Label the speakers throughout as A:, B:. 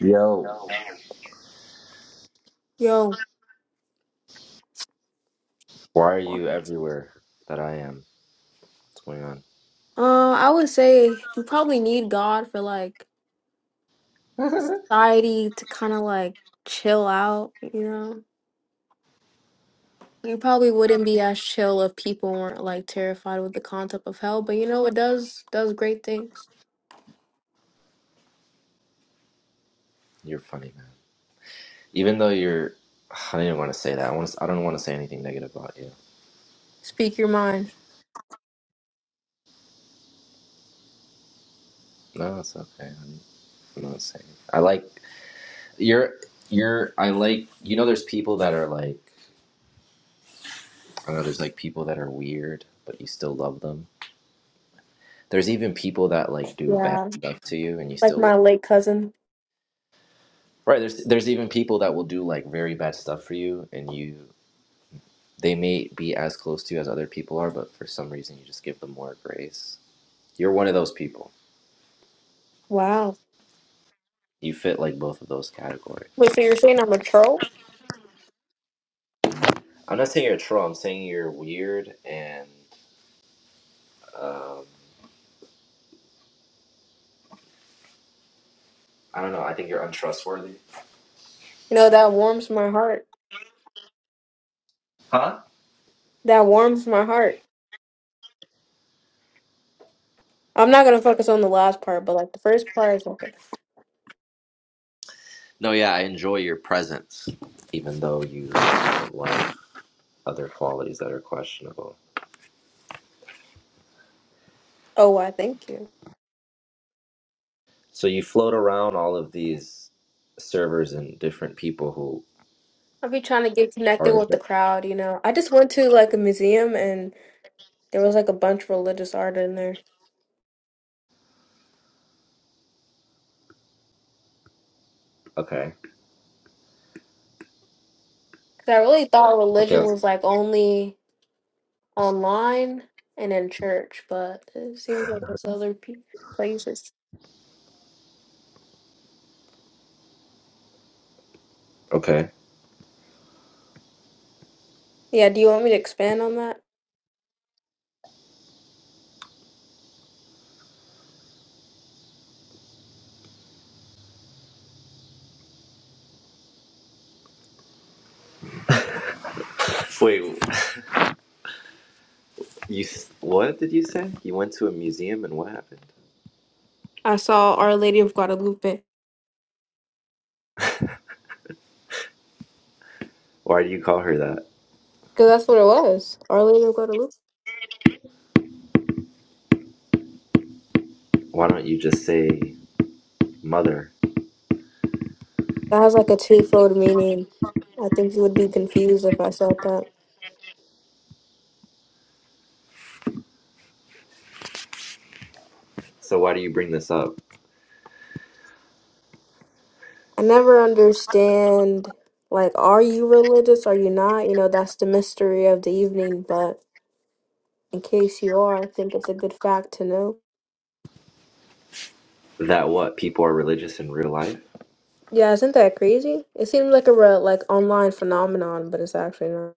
A: Yo,
B: Yo,
A: why are
B: uh,
A: you everywhere that I am? What's going
B: I would say you probably need God for like
A: on?
B: society to kind of like chill out, you know? You probably wouldn't be as chill if people weren't like terrified with the concept of hell, but you know it does does great things.
A: you're funny, man. Even though you're, I didn't want to say that. I want to. I don't want to say anything negative about you.
B: Speak your mind.
A: No, it's okay. I'm, I'm not saying. I like you're. You're. I like. You know, there's people that are like. I know there's like people that are weird, but you still love them. There's even people that like do bad
B: Yeah,
A: stuff to you, and you
B: like
A: still
B: my
A: love.
B: late cousin.
A: Right. There's there's even people that will do like very bad stuff for you, and you They may be as close to you as other people are, but for some reason you just give them more grace. You're one of those people.
B: Wow.
A: You fit like both of those categories.
B: Wait, so you're saying I'm a troll?
A: I'm not saying you're a troll. I'm saying you're weird and um, I don't know. I think you're untrustworthy.
B: You know, that warms my heart.
A: Huh?
B: That warms my heart. I'm not gonna focus on the last part, but like the first part is okay.
A: No, yeah, I enjoy your presence, even though you do like other qualities that are questionable.
B: Oh, I thank you.
A: So you float around all of these servers and different people who
B: I'll be trying to get connected
A: are in
B: with the
A: the-
B: crowd, you know. I just went to like a museum and there was like a bunch of religious art in there.
A: okay,
B: 'Cause I really thought
A: okay, I
B: religion
A: was-
B: was like only online and in church, but it seems like it's other pe- places.
A: okay.
B: Yeah, do you want me to expand on that?
A: Wait, You what did you say? You went to a museum and what happened?
B: I saw Our Lady of Guadalupe
A: Why do you call her that?
B: because that's what it was. Our Lady of Guadalupe.
A: Why don't you just say mother?
B: That has like a twofold meaning. I think you would be confused if I said that.
A: So why do you bring this up?
B: I never understand, like, are you religious? Are you not? You know, that's the mystery of the evening, but in case you are, I think it's a good fact to know.
A: That what people are religious in real life?
B: Yeah, isn't that crazy? It seems like a real, like online phenomenon, but it's actually not.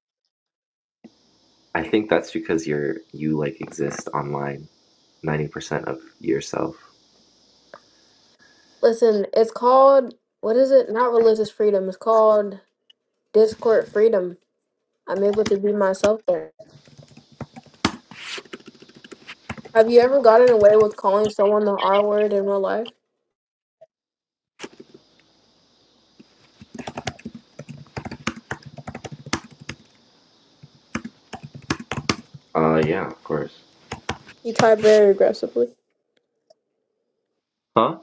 A: I think that's because you're you like exist online 90% of yourself.
B: Listen, it's called what is it? Not religious freedom. It's called Discord freedom. I'm able to be myself there. Have you ever gotten away with calling someone the R word in real life?
A: Uh yeah, of course.
B: You type very aggressively.
A: Huh?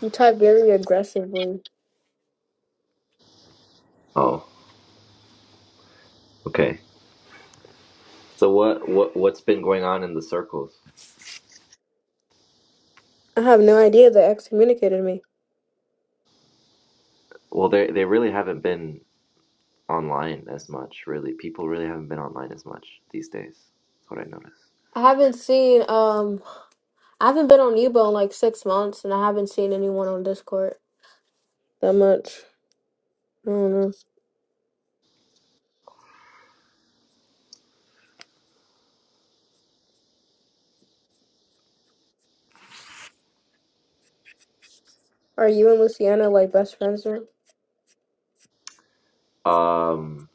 B: You type very aggressively.
A: Oh, okay. So what what what's been going on in the circles?
B: I have no idea they excommunicated me.
A: Well, they they really haven't been online as much, really. People really haven't been online as much these days. That's what I noticed.
B: I haven't seen um I haven't been on Yubo in like six months and I haven't seen anyone on Discord. That much. I don't know. Are you and Luciana like best friends or
A: Um,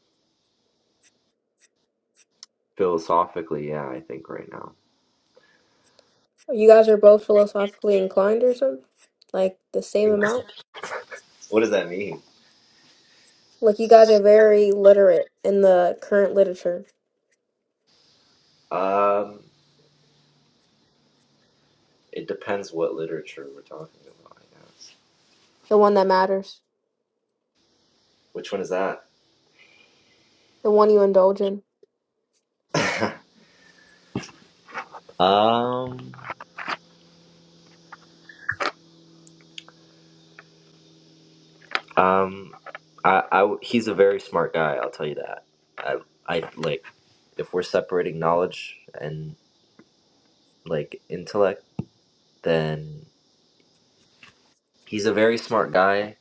A: philosophically, yeah, I think right now.
B: you guys are both philosophically inclined or something? Like the same amount?
A: What does that mean?
B: Like you guys are very literate in the current literature.
A: Um, it depends what literature we're talking about, I guess.
B: The one that matters.
A: Which one is that?
B: The one you indulge in.
A: um, um, I, I, he's a very smart guy. I'll tell you that. I, I like if we're separating knowledge and like intellect, then he's a very smart guy,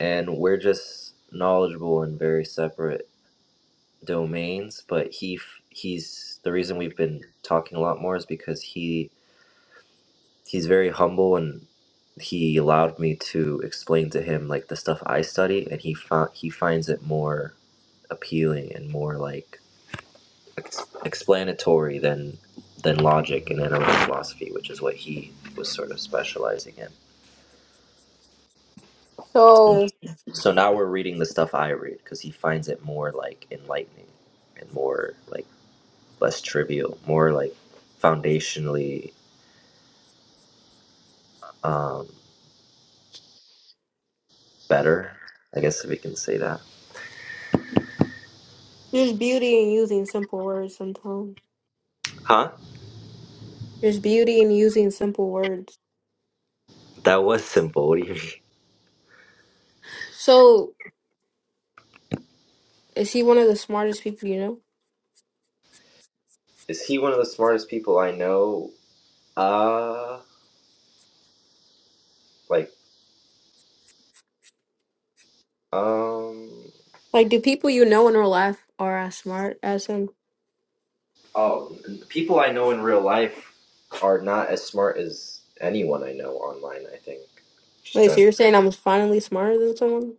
A: and we're just knowledgeable and very separate domains, but he f- he's the reason we've been talking a lot more is because he he's very humble and he allowed me to explain to him like the stuff I study, and he found he finds it more appealing and more like ex- explanatory than than logic and analytic philosophy, which is what he was sort of specializing in.
B: So
A: So now we're reading the stuff I read because he finds it more like enlightening and more like less trivial, more like foundationally um, better. I guess if we can say that.
B: there's beauty in using simple words sometimes.
A: Huh?
B: There's beauty in using simple words.
A: That was simple. What do you mean?
B: So Is he one of the smartest people you know?
A: Is he one of the smartest people I know? Uh, like, um,
B: Like, do people you know in real life are as smart as him?
A: oh, people I know in real life are not as smart as anyone I know online. I think. Just
B: Wait, so
A: trying.
B: you're
A: to,
B: saying I'm finally smarter than someone?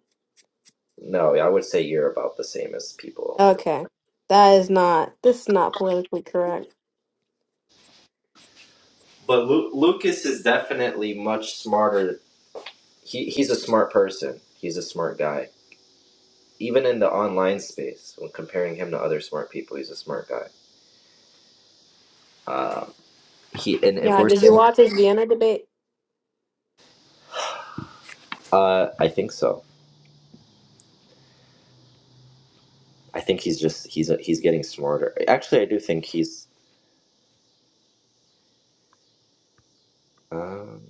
A: No, I would say you're about the same as people.
B: Okay. That is not, this is not politically correct.
A: But Lu- Lucas is definitely much smarter. He he's a smart person. He's a smart guy. even in the online space, when comparing him to other smart people, he's a smart guy. Uh, he and if
B: Yeah,
A: we're
B: did you
A: saying,
B: watch his Vienna debate?
A: uh, I think so. I think he's just he's a, he's getting smarter. Actually, I do think he's um,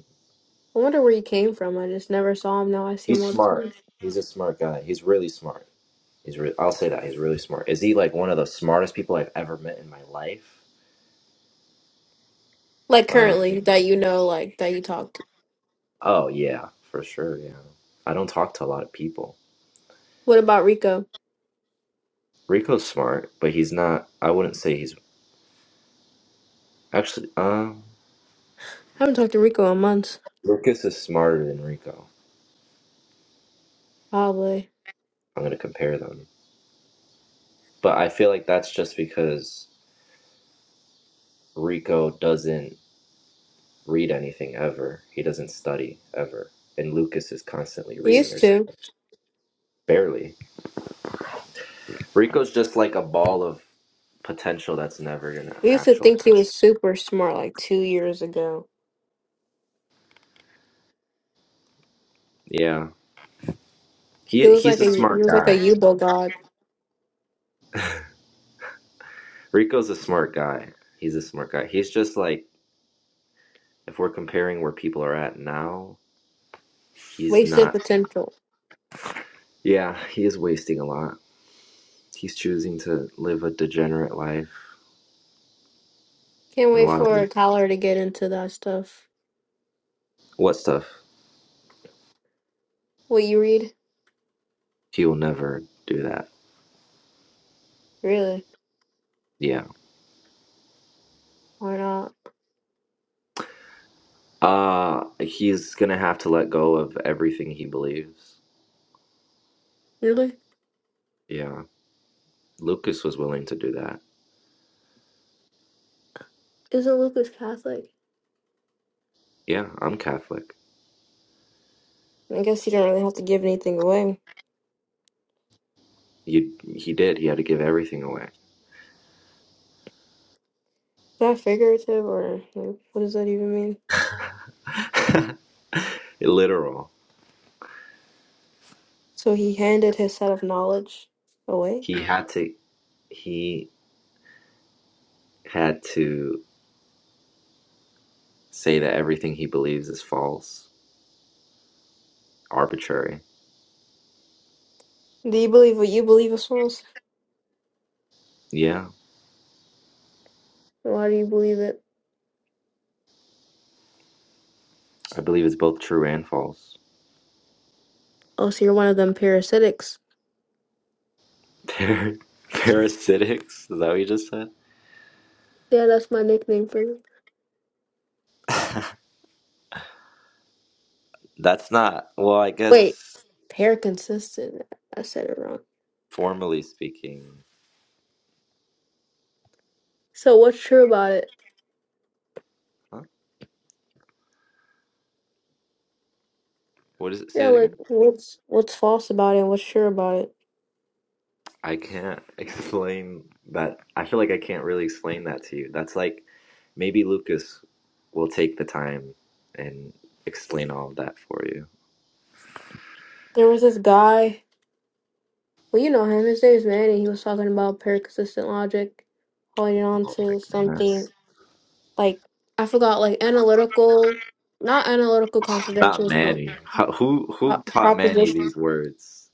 B: I wonder where he came from. I just never saw him. Now I see him
A: he's
B: all the
A: smart.
B: time.
A: He's a smart guy. He's really smart. He's re- I'll say that he's really smart. Is he like one of the smartest people I've ever met in my life?
B: Like,
A: Um,
B: currently, that you know, like, that you talk to.
A: oh yeah, for sure. Yeah, I don't talk to a lot of people.
B: What about Rico?
A: Rico's smart, but he's not. I wouldn't say he's actually. Um,
B: I haven't talked to Rico in months.
A: Lucas is smarter than Rico.
B: Probably.
A: I'm gonna compare them. But I feel like that's just because Rico doesn't read anything ever. He doesn't study ever, and Lucas is constantly
B: I
A: reading or
B: used
A: s-
B: to.
A: barely. Rico's just like a ball of potential that's never gonna
B: We used to think he
A: actualize.
B: was super smart like two years ago.
A: Yeah,
B: He
A: he
B: was
A: he's
B: like a,
A: a
B: he
A: smart
B: was like a
A: guy.
B: Yubo god.
A: Rico's a smart guy. He's a smart guy. He's just like if we're comparing where people are at now, he's
B: Wasted
A: not.
B: potential.
A: Yeah, he is wasting a lot. He's choosing to live a degenerate life
B: Can't
A: in a
B: wait
A: lot of
B: for Tyler to get into that stuff.
A: What stuff?
B: What you read?
A: He'll never do that.
B: Really?
A: Yeah.
B: Why not?
A: Uh he's gonna have to let go of everything he believes.
B: Really?
A: Yeah. Lucas was willing to do that.
B: Isn't Lucas Catholic?
A: Yeah, I'm Catholic.
B: I guess you don't really have to give anything away. Is
A: You he did. He had to give everything away.
B: that figurative or like, what does that even mean?
A: Literal.
B: So he handed his set of knowledge away?
A: He had to he had to say that everything he believes is false, arbitrary.
B: Do you believe what you believe, Soros?
A: Yeah.
B: Why do you believe it?
A: I believe it's both true and false.
B: Oh, so you're one of them parasitics.
A: Par- parasitics? Is that what you just said?
B: Yeah, that's my nickname for them.
A: That's not well. I
B: Wait,
A: guess
B: paraconsistent. I said it wrong.
A: formally speaking,
B: So what's true about it?
A: huh? what is it? Say
B: Yeah,
A: it
B: like
A: again.
B: what's what's false about it? and What's sure about it?
A: I can't explain that. I feel like I can't really explain that to you. That's like maybe Lucas will take the time and explain all of that for you.
B: There was this guy. Well, you know him. His name's Manny. He was talking about paraconsistent logic, holding on
A: Oh my
B: to something
A: goodness!
B: like I forgot, like analytical, not analytical
A: Not
B: contradictions, but
A: Manny. How, who who
B: pro-
A: taught Manny
B: proposition.
A: these words?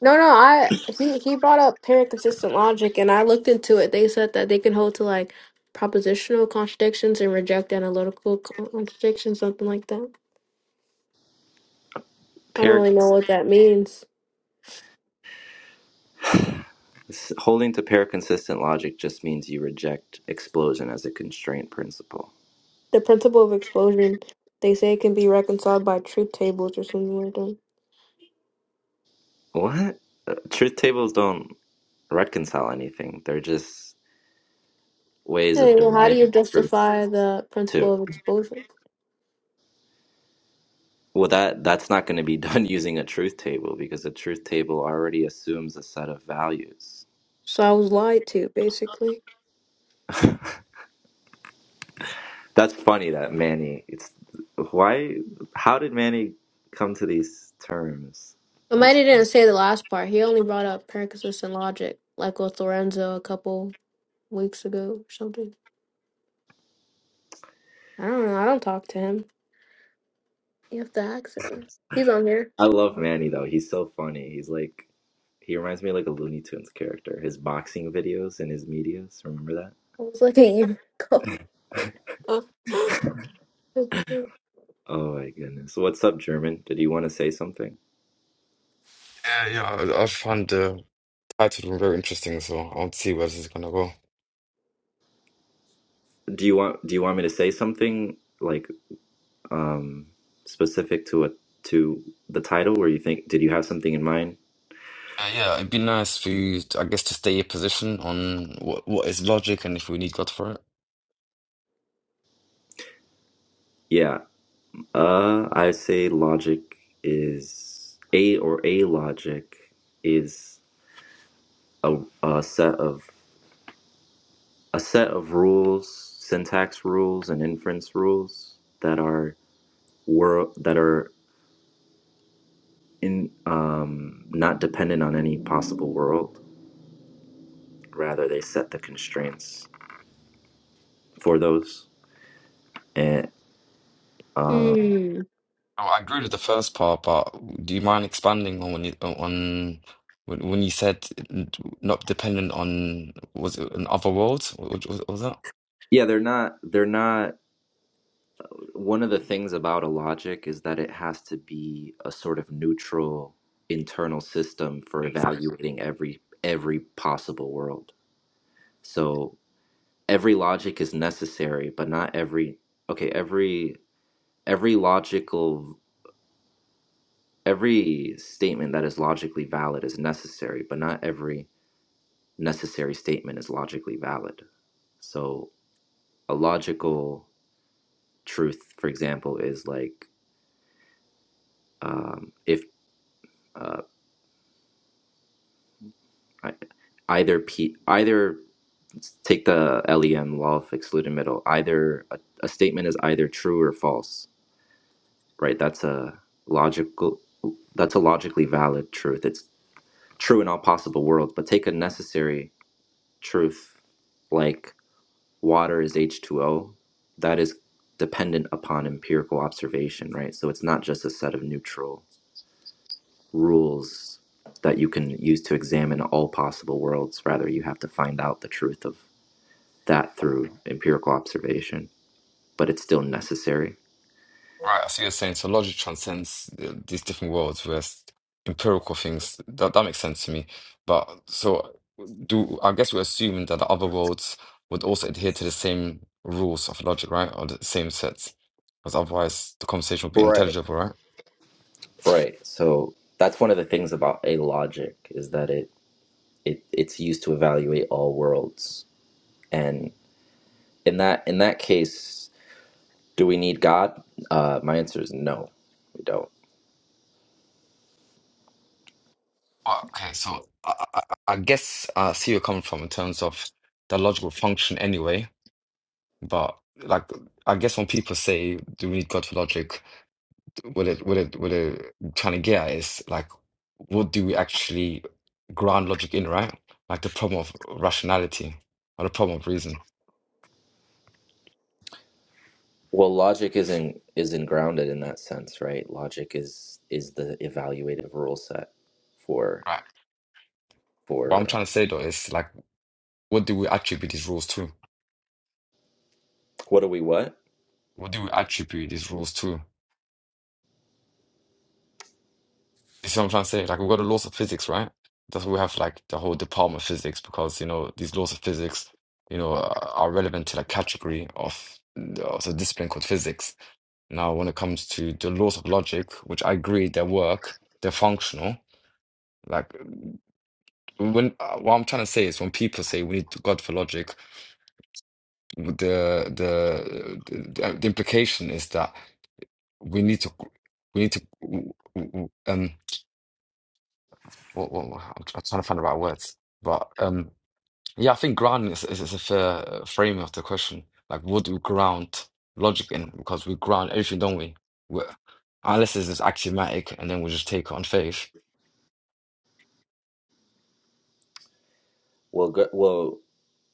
B: No, no, I he he brought up paraconsistent logic, and I looked into it. They said that they can hold to like propositional contradictions and reject analytical contradictions, something like that. I don't
A: Pair
B: really know what that means.
A: s- holding to pair consistent logic just means you reject explosion as a constraint principle.
B: The principle of explosion, they say, can be reconciled by truth tables or something like that.
A: What? Uh, Truth tables don't reconcile anything. They're just ways
B: Hey,
A: of
B: well, how do you
A: deriving truth
B: justify the
A: too.
B: principle of explosion?
A: Well, that that's not going to be done using a truth table because a truth table already assumes a set of values.
B: So I was lied to, basically.
A: That's funny that Manny. It's why? How did Manny come to these terms?
B: But
A: That's
B: Mighty didn't say the last part. He only brought up parenthesis and logic, like with Lorenzo a couple weeks ago or something. I don't know. I don't talk to him. You have to ask him. He's on here.
A: I love
B: It
A: Manny though. He's so funny. He's like he reminds me of like a Looney Tunes character. His boxing videos and his medias. Remember that?
B: was like a year ago.
A: Oh my goodness. What's up, German? Did you want to say something?
C: Yeah, yeah, I, I find the title very interesting, so I'll see where this is gonna go.
A: Do you want Do you want me to say something? Like um, specific to a to the title where you think did you have something in mind?
C: Uh, yeah, it'd be nice for you, to, I guess, to stay your position on what what is logic and if we need God for it.
A: Yeah. Uh I say logic is a or a logic is a, a set of a set of rules, syntax rules and inference rules that are world that are in um, not dependent on any possible world. Rather they set the constraints for those. And um,
B: Mm.
C: Oh, I agree with the first part, but do you mind expanding on when you on when, when you said not dependent on was it on other worlds? What, what was that?
A: yeah, they're not they're not One of the things about a logic is that it has to be a sort of neutral internal system for evaluating every every possible world. So every logic is necessary, but not every okay, every every logical every statement that is logically valid is necessary, but not every necessary statement is logically valid. So a logical truth, for example, is like um, if uh, I- either p either let's take the lem law of excluded middle either a, a statement is either true or false right that's a logical that's a logically valid truth it's true in all possible worlds but take a necessary truth like water is h2o that is dependent upon empirical observation right so it's not just a set of neutral rules that you can use to examine all possible worlds rather you have to find out the truth of that through empirical observation, but it's still necessary.
C: Right, I see what you're saying. So logic transcends uh, these different worlds, whereas empirical things that that makes sense to me. But so do I guess we're assuming that the other worlds would also adhere to the same rules of logic, right? Or the same sets, because otherwise the conversation would be
A: Right.
C: intelligible, right?
A: Right. So that's one of the things about a logic is that it, it it's used to evaluate all worlds. And in that in that case, do we need God? Uh, my answer is no, we don't.
C: Uh, Okay, so I, I, I I guess I see where you're coming from in terms of the logical function anyway. But like, I guess when people say, "Do we need God for logic?" What it, what it, what it trying to get at is like, what do we actually ground logic in, right? Like the problem of rationality or the problem of reason,
A: Well, logic isn't isn't grounded in that sense, right? Logic is is the evaluative rule set for
C: right? What I'm
A: for uh,
C: trying to say though is like, what do we attribute these rules to?
A: what are we what?
C: What do we attribute these rules to? You see what I'm trying to say? Like, we've got the laws of physics, right? That's why we have like the whole department of physics because you know these laws of physics, you know, are relevant to the category of, of the discipline called physics Now, when it comes to the laws of logic, which I agree they work, they're functional. Like when uh, what I'm trying to say is when people say we need God for logic, the the the, the implication is that we need to we need to um what, what, what I'm trying to find the right words, but um Yeah, I think grounding is, is, is a fair frame of the question. Like, what do we ground logic in? Because we ground everything, don't we? we unless it's just axiomatic, and then we just take on faith.
A: Well, go, well,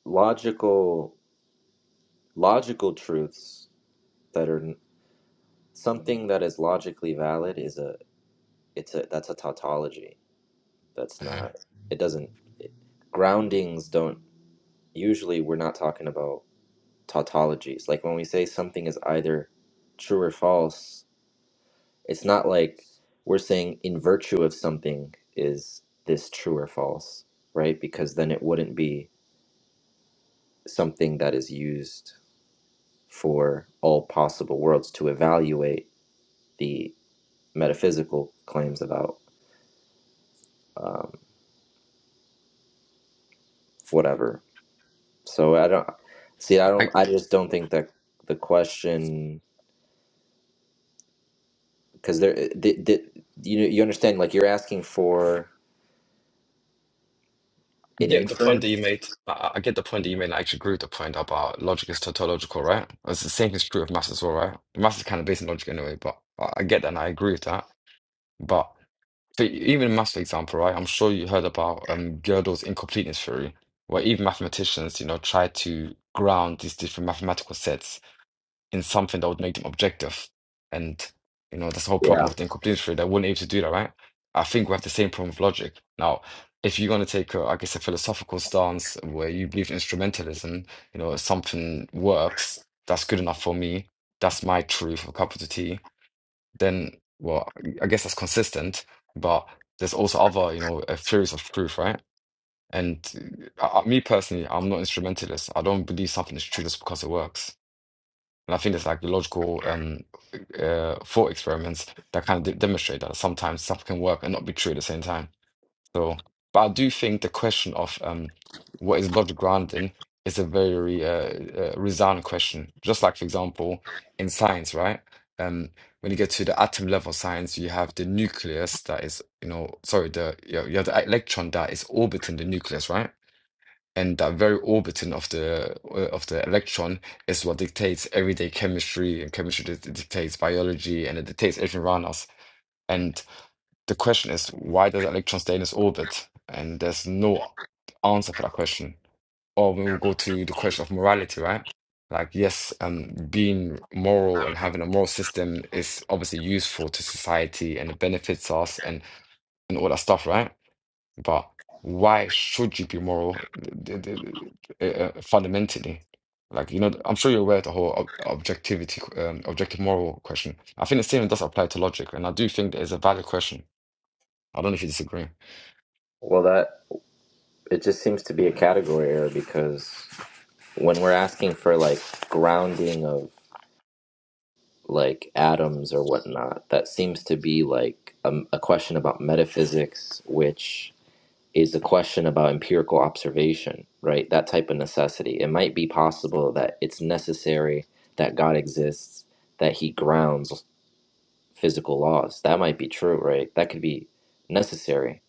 A: logical logical truths that are something that is logically valid is a it's a that's a tautology that's
C: Uh-huh.
A: not it doesn't it, groundings don't usually we're not talking about tautologies like when we say something is either true or false it's not like we're saying in virtue of something is this true or false right because then it wouldn't be something that is used for all possible worlds to evaluate the metaphysical claims about um, whatever. So I don't see. I
C: I
A: don't. I just don't think that the question because there, the, the, you you understand like you're asking for an
C: get the point that you
A: inference.
C: made. I, I I get the point that you made. and I actually agree with the point about logic is tautological, right? It's the same is true of maths as well, right? Maths is kind of based on logic anyway, but I, I get that and I agree with that. But So e, even in maths, for example, right? I'm sure you heard about um, Gödel's incompleteness theory, where even mathematicians, you know, try to ground these different mathematical sets in something that would make them objective. And you know, that's the whole
A: Yeah.
C: problem of the incompleteness theory. They weren't able to do that, right? I think we have the same problem with logic. Now, if you're going to take, a, I guess, a philosophical stance where you believe in instrumentalism, you know, something works, that's good enough for me. That's my truth, a cup of tea then well i guess that's consistent but there's also other you know uh, theories of truth right and uh, I, I- me personally i'm not instrumentalist i don't believe something is true just because it works and i think there's like logical um uh, thought experiments that kind of de demonstrate that sometimes stuff can work and not be true at the same time so, but I do think the question of um, what is blood grounding is a very uh, uh, resounding question. Just like, for example, in science, right? Um, when you get to the atom level science, you have the nucleus that is, you know, sorry, the you, know, you have the electron that is orbiting the nucleus, right? And that very orbiting of the uh, of the electron is what dictates everyday chemistry, and chemistry dic- dictates biology, and it dictates everything around us. And the question is why does an electron stay in its orbit? And there's no answer for that question. Or we will go to the question of morality, right? Like, yes, um, being moral and having a moral system is obviously useful to society and it benefits us and, and all that stuff, right? But why should you be moral th- th- th- uh, uh, fundamentally? Like, you know, I'm sure you're aware of the whole ob objectivity, um, objective moral question. I think the same does apply to logic, and I do think that it's a valid question. I don't know if you disagree.
A: Well, that it just seems to be a category error because when we're asking for like grounding of like atoms or whatnot, that seems to be like a, a question about metaphysics, which is a question about empirical observation, right? That type of necessity. It might be possible that it's necessary that God exists, that he grounds physical laws. That might be true, right? That could be necessary.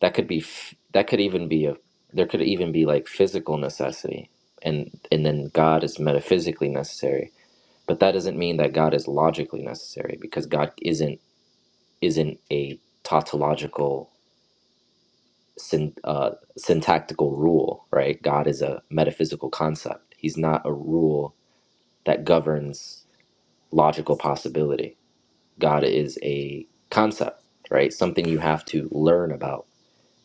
A: That could be f- that could even be a there could even be like physical necessity and and then God is metaphysically necessary. But that doesn't mean that God is logically necessary because God isn't isn't a tautological syn- uh, syntactical rule, right? God is a metaphysical concept. He's not a rule that governs logical possibility. God is a concept, right? Something you have to learn about.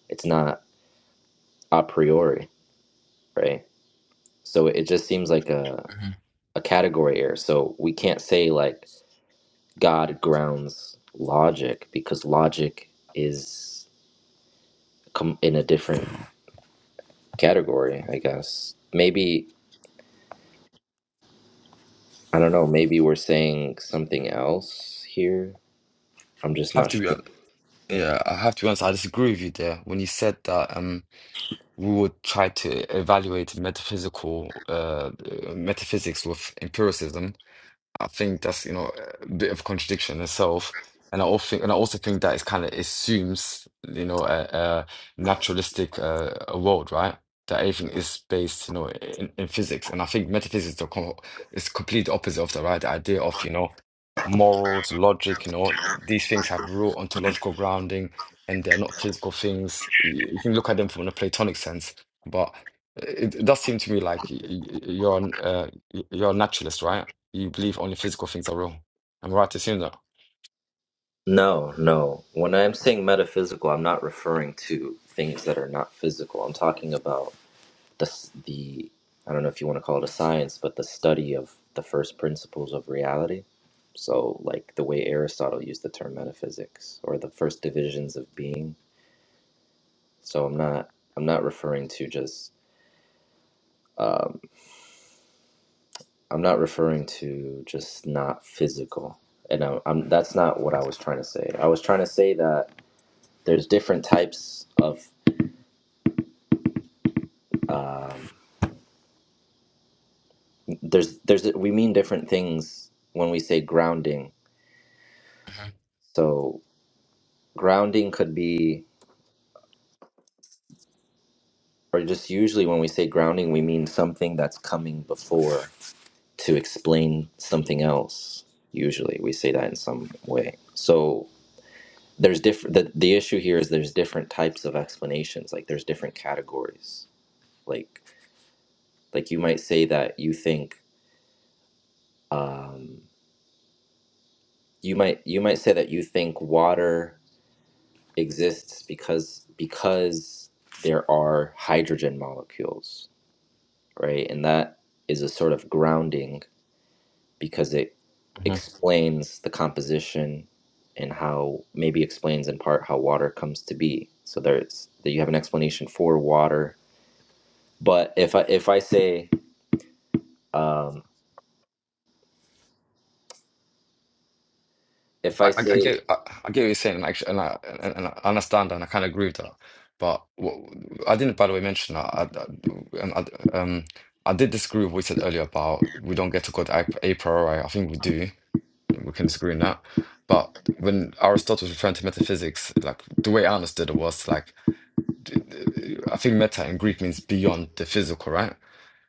A: It's not a priori, right? So it just seems like a,
C: Mhm.
A: a category error. So we can't say like God grounds logic because logic is com- in a different category, I guess. Maybe I don't know. Maybe we're saying something else here. I'm just
C: have
A: not
C: to be
A: sure.
C: hon- yeah, I have to be honest, I disagree with you there when you said that um we would try to evaluate metaphysical uh uh, metaphysics with empiricism. I think that's, you know, a bit of contradiction itself. And I also think, and I also think that it kind of assumes, you know, a, a naturalistic uh, a world, right? That everything is based, you know, in, in physics. And I think metaphysics is the com is complete opposite of that, right? The idea of, you know, morals, logic, you know, th- these things have real ontological grounding and they're not physical things. Y- You can look at them from a Platonic sense, but it, it does seem to me like y- y- y- you're an, uh, y- you're a naturalist, right? you believe only physical things are real. Am I right to assume that?
A: No, no. When I'm saying metaphysical, I'm not referring to things that are not physical. I'm talking about the s- the I don't know if you want to call it a science, but the study of the first principles of reality. So, like the way Aristotle used the term metaphysics or the first divisions of being. So, I'm not I'm not referring to just um, I'm not referring to just not physical, and I'm, I'm that's not what I was trying to say. I was trying to say that there's different types of um, there's there's we mean different things when we say grounding.
C: hmm
A: So grounding could be, or just usually when we say grounding, we mean something that's coming before to explain something else. Usually, we say that in some way. So there's different the, the issue here is there's different types of explanations like there's different categories like like you might say that you think um you might you might say that you think water exists because because there are hydrogen molecules right and that is a sort of grounding because it
C: hmm
A: explains the composition and how maybe explains in part how water comes to be so there's that you have an explanation for water But if I if I say um, if
C: I,
A: I
C: I, I
A: say
C: get I, I get what you're saying, like, and I and, and I understand, and I kind of agree with that. But what, I didn't, by the way, mention that. I, I, and I, um, I did disagree with what you said earlier about we don't get to God a, a priori. I think we do. We can disagree on that. But when Aristotle was referring to metaphysics, like the way I understood it was like, d- d- I think meta in Greek means beyond the physical, right?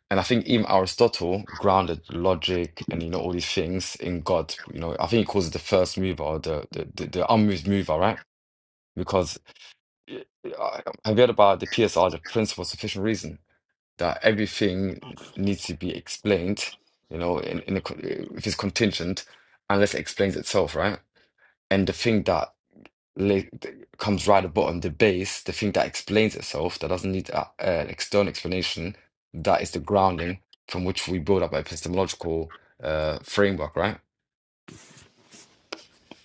C: And I think even Aristotle grounded logic and you know all these things in God. You know, I think he calls it the first mover or the the, the, the unmoved mover, right? Because uh, I I read about the PSR, the principle of sufficient reason, that everything needs to be explained. You know, in, in a, co- if it's contingent, unless it explains itself, right? And the thing that li- th- comes right at the bottom, the base, the thing that explains itself, that doesn't need a, an external explanation, that is the grounding from which we build up our epistemological uh, framework, right?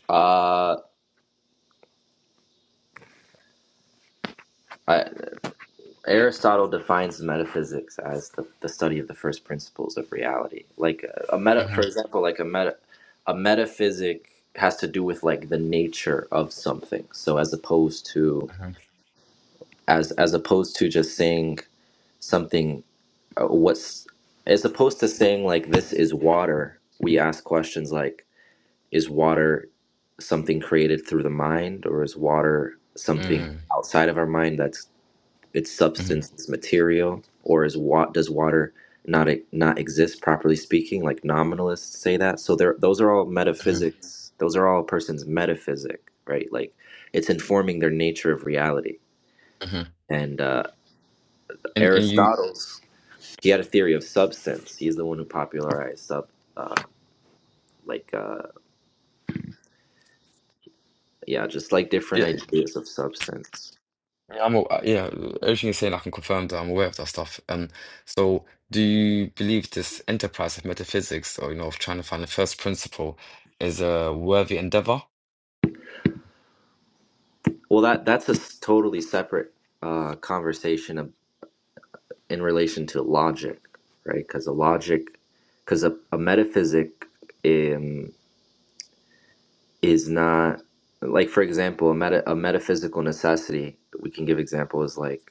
A: uh, I, Aristotle defines metaphysics as the, the study of the first principles of reality. Like a, a meta,
C: hmm
A: for example, like a meta, a metaphysic has to do with like the nature of something. So as opposed to
C: hmm
A: as as opposed to just saying something, uh, what's as opposed to saying like this is water. We ask questions like Is water something created through the mind, or is water something
C: Mm,
A: outside of our mind that's its
C: mm,
A: substance, its material, or is what does water not e- not exist properly speaking? Like nominalists say that. So there, those are all
C: mm,
A: metaphysics. Those are all a person's metaphysic, right? Like it's informing their nature of reality.
C: mm.
A: And uh,
C: And and you,
A: Aristotle's he had a theory of substance. He's the one who popularized sub, uh, like uh, yeah, just like different
C: yeah,
A: ideas of substance.
C: yeah, I'm aw- uh, yeah. Everything you're saying, I can confirm that I'm aware of that stuff. Um, so do you believe this enterprise of metaphysics, or you know, of trying to find the first principle, is a worthy endeavor?
A: Well, that that's a s- totally separate uh, conversation of, in relation to logic, right? Because a logic, because a, a metaphysic um, is not like, for example, a meta a metaphysical necessity. We can give examples like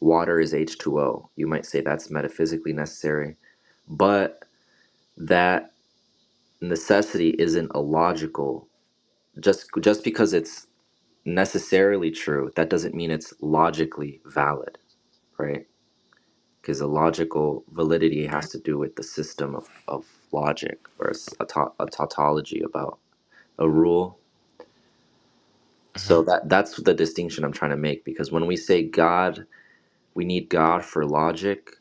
A: water is H two O. You might say that's metaphysically necessary, but that necessity isn't a logical. Just just because it's necessarily true, that doesn't mean it's logically valid, right? because the logical validity has to do with the system of, of logic or a ta- a tautology about a rule.
C: hmm
A: So that that's the distinction I'm trying to make because when we say God, we need God for logic.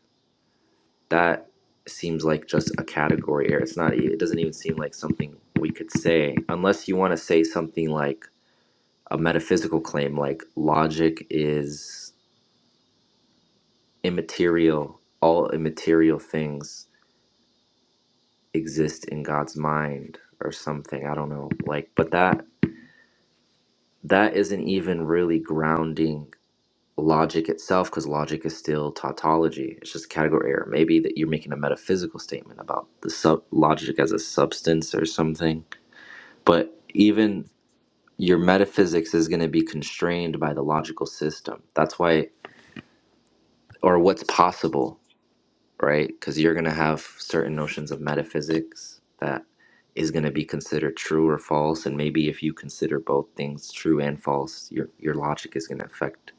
A: That seems like just a category error. It's not. e- It doesn't even seem like something we could say unless you want to say something like a metaphysical claim, like logic is immaterial. All immaterial things exist in God's mind or something. I don't know. Like, but that that isn't even really grounding logic itself because logic is still tautology. It's just category error. Maybe that you're making a metaphysical statement about the sub logic as a substance or something. But even your metaphysics is going to be constrained by the logical system. That's why, or what's possible right? Because you're going to have certain notions of metaphysics that is going to be considered true or false, and maybe if you consider both things true and false, your your logic is going to affect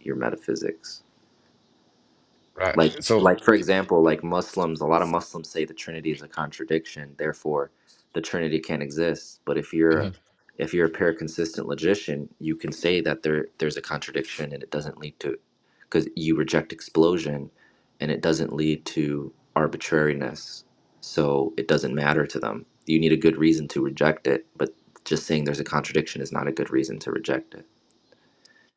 A: your metaphysics.
C: Right.
A: Like,
C: So,
A: like for example, like Muslims, a lot of Muslims say the Trinity is a contradiction. Therefore, the Trinity can't exist. But if you're if you're a pure consistent logician, you can say that there there's a contradiction and it doesn't lead to because you reject explosion and it doesn't lead to arbitrariness. So it doesn't matter to them. You need a good reason to reject it, but just saying there's a contradiction is not a good reason to reject it.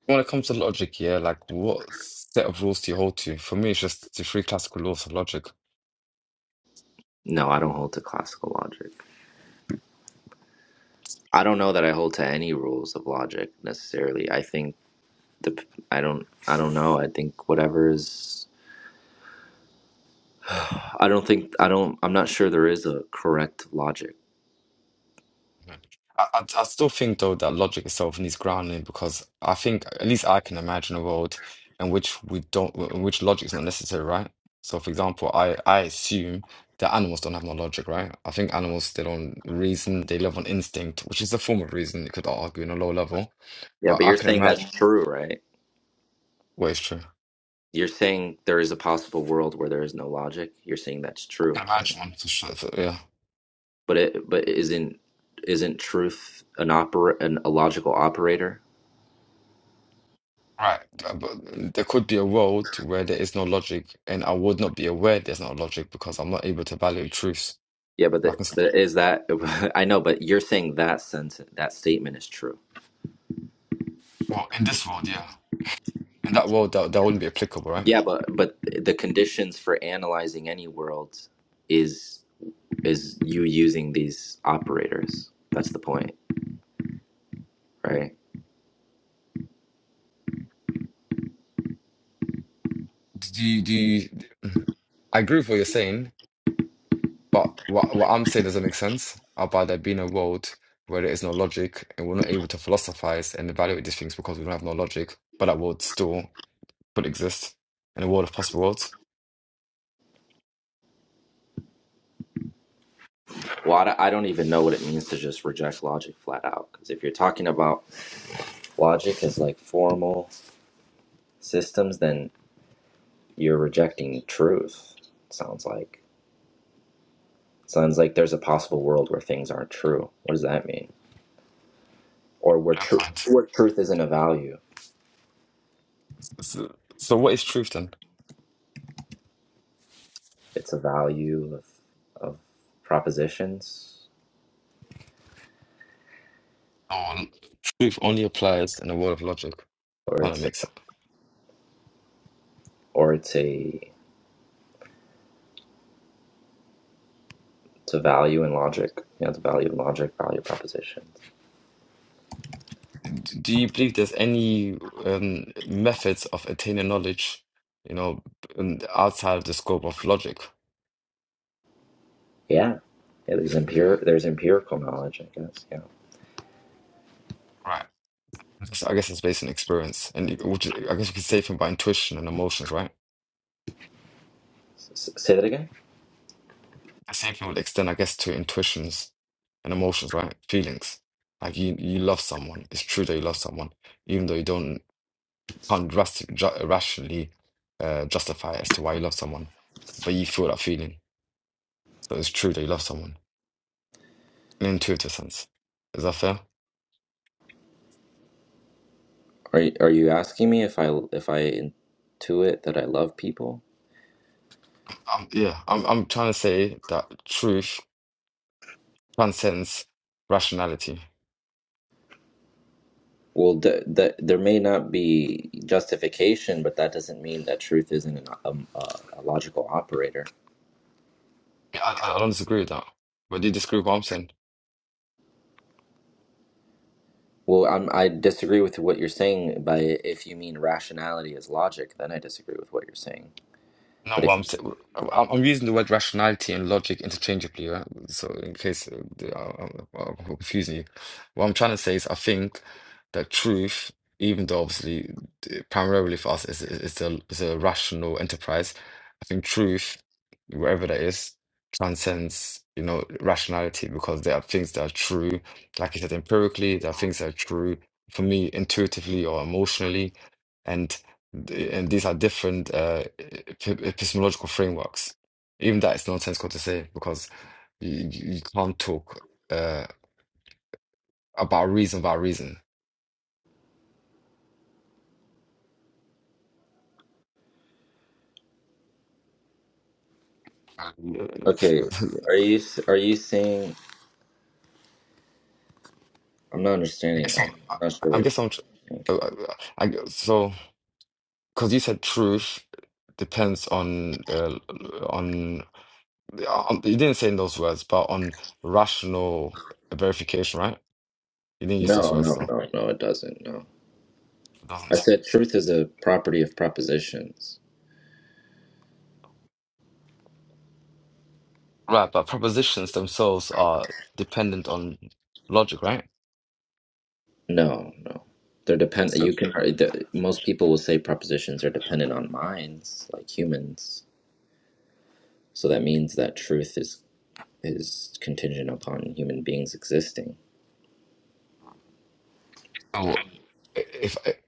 C: When it comes to logic, yeah, like what set of rules do you hold to? For me, it's just the three classical laws of logic.
A: No, I don't hold to classical logic. I don't know that I hold to any rules of logic necessarily. I think the I don't I don't know. I think whatever is I don't think I don't I'm not sure there is a correct logic.
C: Mhm. I, I, I still think though that logic itself needs grounding because I think at least I can imagine a world in which we don't, in which logic is not necessary, right? So, for example, I I assume that animals don't have no logic, right? I think animals they don't reason, they live on instinct, which is a form of reason. You could argue on a low level,
A: Yeah,
C: but
A: but
C: I
A: you're
C: can
A: saying
C: imagine.
A: that's true, right?
C: Well, it's true. I
A: You're saying there is a possible world where there is no logic. You're saying that's
C: can
A: true.
C: imagine one for sure. for- yeah.
A: But it but isn't isn't truth an opera an a logical operator?
C: Right, but but uh, there could be a world where there is no logic, and I would not be aware there's no logic because I'm not able to value truths.
A: Yeah, but,
C: But I
A: the,
C: can, st-
A: but is that I know, but you're saying that sense, that statement is true.
C: well, in this world, yeah. In that world, that, that wouldn't be applicable, right?
A: Yeah, but but the conditions for analyzing any world is is you using these operators. That's the point, right?
C: Do you, do you, Mhm. I agree with what you're saying, but what, what I'm saying doesn't make sense about there being a world where there is no logic and we're not able to philosophize and evaluate these things because we don't have no logic, but that world still could exist in a world of possible worlds.
A: Well, I don't I don't even know what it means to just reject logic flat out. Because if you're talking about logic as like formal systems, then you're rejecting truth. it Sounds like it sounds like there's a possible world where things aren't true. What does that mean? Or where
C: Fair
A: truth
C: point.
A: where truth isn't a value.
C: So, so what is truth then?
A: It's a value of of propositions,
C: Oh, truth only applies in the world of logic. That
A: or
C: kind of
A: it's
C: makes sense.
A: or it's a it's a value in logic. You know, it's a value in logic, value propositions.
C: Do you believe there's any um, methods of attaining knowledge, you know, um, outside of the scope of logic?
A: Yeah, yeah. There's empir there's empirical knowledge, I guess. Yeah.
C: Right. So I guess it's based on experience, and it- which is- I guess you could say thing by intuition and emotions, right?
A: S- say that again.
C: The same thing would extend, I guess, to intuitions and emotions, right? Feelings. Like you, you love someone. It's true that you love someone, even though you don't can't drastic, ju rationally uh, justify as to why you love someone, but you feel that feeling So it's true that you love someone in an intuitive sense. Is that fair?
A: Are you, are you asking me if I if I intuit that I love people?
C: Um, yeah, I'm I'm trying to say that truth transcends rationality.
A: Well, th- th- there may not be justification, but that doesn't mean that truth isn't an, um, uh, a logical operator.
C: I, I I don't disagree with that. But do you disagree with what I'm saying?
A: Well, I'm, I disagree with what you're saying. By if you mean rationality is logic, then I disagree with what you're saying.
C: No,
A: But
C: well,
A: if
C: I'm, s- I'm I'm using the word rationality and logic interchangeably, right? So in case uh, the- uh, I'm, I'm confusing you, what I'm trying to say is I think that truth, even though obviously uh, primarily for us is is is a is a rational enterprise, I think truth, wherever that is, transcends you know rationality because there are things that are true, like you said, empirically, there are things that are true for me intuitively or emotionally. Th- and these are different uh, ep- epistemological frameworks. Even that is nonsensical to say because you, you you can't talk uh, about reason about reason. Uh,
A: Okay, are you s- are you saying I'm not
C: I
A: understanding.
C: guess I'm,
A: I'm
C: I
A: not sure
C: I
A: what you're
C: guess I'm, tr-
A: saying.
C: uh, uh, I, gu- so because you said truth depends on uh, on on you didn't say in those words, but on rational verification, right? You didn't use those
A: No,
C: words
A: no,
C: though.
A: no, no, it doesn't. No.
C: It
A: I
C: Doesn't.
A: said truth is a property of propositions.
C: Right, but propositions themselves are dependent on logic, right?
A: No, no. They're depend
C: So,
A: you can uh, the, most people will say propositions are dependent on minds, like humans. So that means that truth is is contingent upon human beings existing.
C: so i- if I-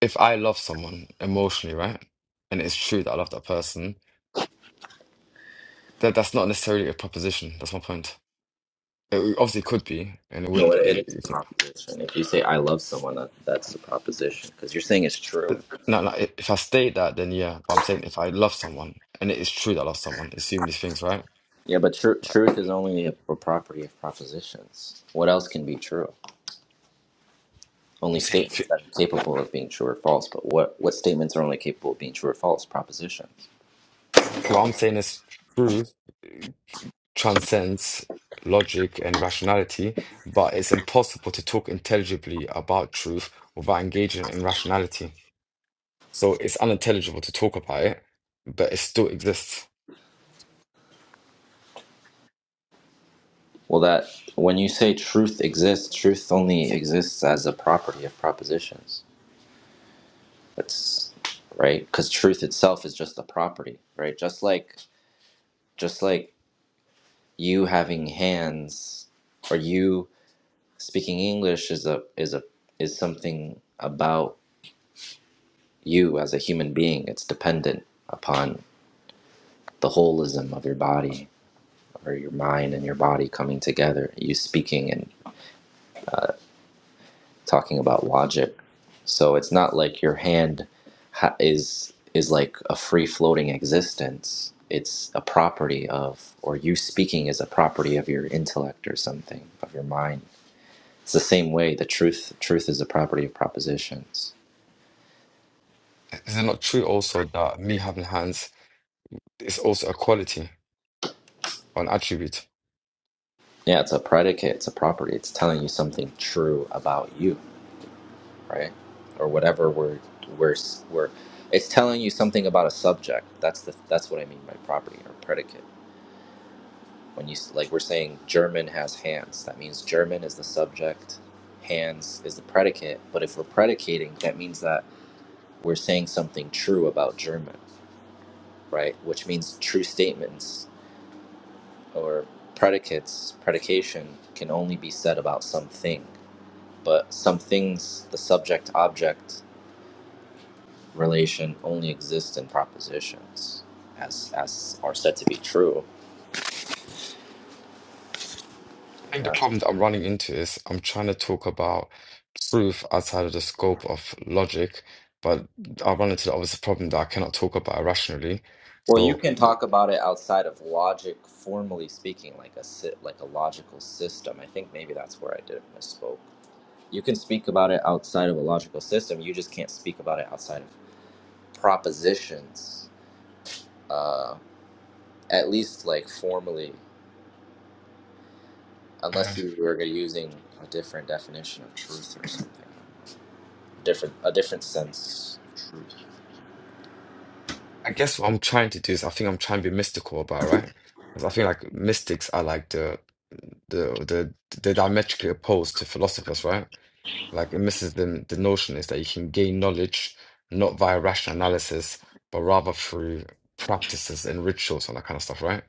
C: if I love someone emotionally, right, and it's true that I love that person, that that's not necessarily a proposition. That's my point. It obviously could be, and it would
A: No,
C: be.
A: it, it is a
C: If,
A: proposition. If you say I love someone, that that's a proposition because you're saying it's true.
C: but no, no. i- If I state that, then yeah. But I'm saying if I love someone and it is true that I love someone, assume these things, right?
A: Yeah, but tr-
C: Like
A: truth is only a, a property of propositions. What else can be true?
C: I'm
A: Only
C: saying,
A: statements that are capable of being true or false. But what what statements are only capable of being true or false? Propositions.
C: what I'm saying is true. transcends logic and rationality, but it's impossible to talk intelligibly about truth without engaging in rationality. So it's unintelligible to talk about it, but it still exists.
A: Well, that when you say truth exists, truth only exists as a property of propositions. That's right, because truth itself is just a property, right? Just like just like you having hands or you speaking English is a is a is something about you as a human being it's dependent upon the holism of your body or your mind and your body coming together you speaking and talking about logic so it's not like your hand ha- is is like a free floating existence it's a property of or you speaking is a property of your intellect or something of your mind it's the same way the truth truth is a property of propositions
C: Is it not true also that me having hands is also a quality or an attribute?
A: yeah it's a predicate it's a property it's telling you something true about you right? Or whatever we're we're we're it's telling you something about a subject. That's the that's what I mean by property or predicate. When you s- like we're saying German has hands, that means German is the subject, hands is the predicate. But if we're predicating, that means that we're saying something true about German, right? Which means true statements or predicates, predication can only be said about something. But some things, the subject object relation only exists in propositions as as are said to be true
C: I think the
A: I guess.
C: problem that I'm running into is I'm trying to talk about truth outside of the scope of logic, but I run into the obvious problem that I cannot talk about it rationally.
A: well you
C: So,
A: can talk about it outside of logic formally speaking like a si- like a logical system i think maybe that's where i did misspoke you can speak about it outside of a logical system you just can't speak about it outside of propositions uh, at least like formally unless you were using a different definition of truth or something different a different sense of
C: I guess what I'm trying to do is I think I'm trying to be mystical about, right? Because I feel like mystics are like the the the the diametrically opposed to philosophers, right? Like it misses the the notion is that you can gain knowledge not via rational analysis, but rather through practices and rituals and that kind of stuff, right?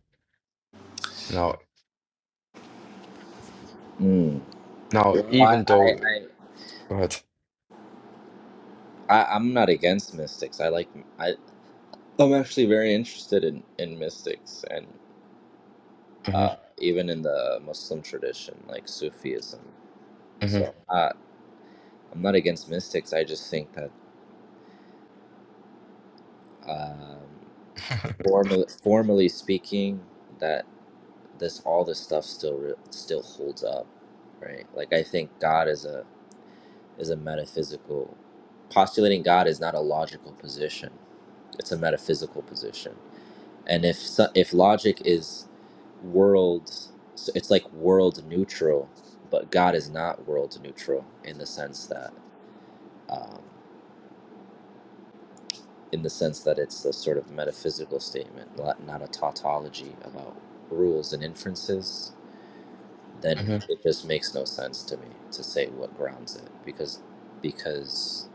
C: Now
A: truth
C: now
A: Yeah, I,
C: even
A: I,
C: though go ahead.
A: I, I, I'm not against mystics. I like, I, I'm actually very interested in, in mystics and
C: hmm
A: uh, even in the Muslim tradition, like Sufism.
C: hmm
A: So uh, I'm not against mystics. I just think that, um, formally, formally speaking, that this all this stuff still re- still holds up, right? Like I think God is a is a metaphysical. Postulating God is not a logical position. It's a metaphysical position and if so- if logic is world so it's like world neutral but god is not world neutral in the sense that um, in the sense that it's a sort of metaphysical statement not not a tautology about rules and inferences then
C: hmm
A: it just makes no sense to me to say what grounds it because because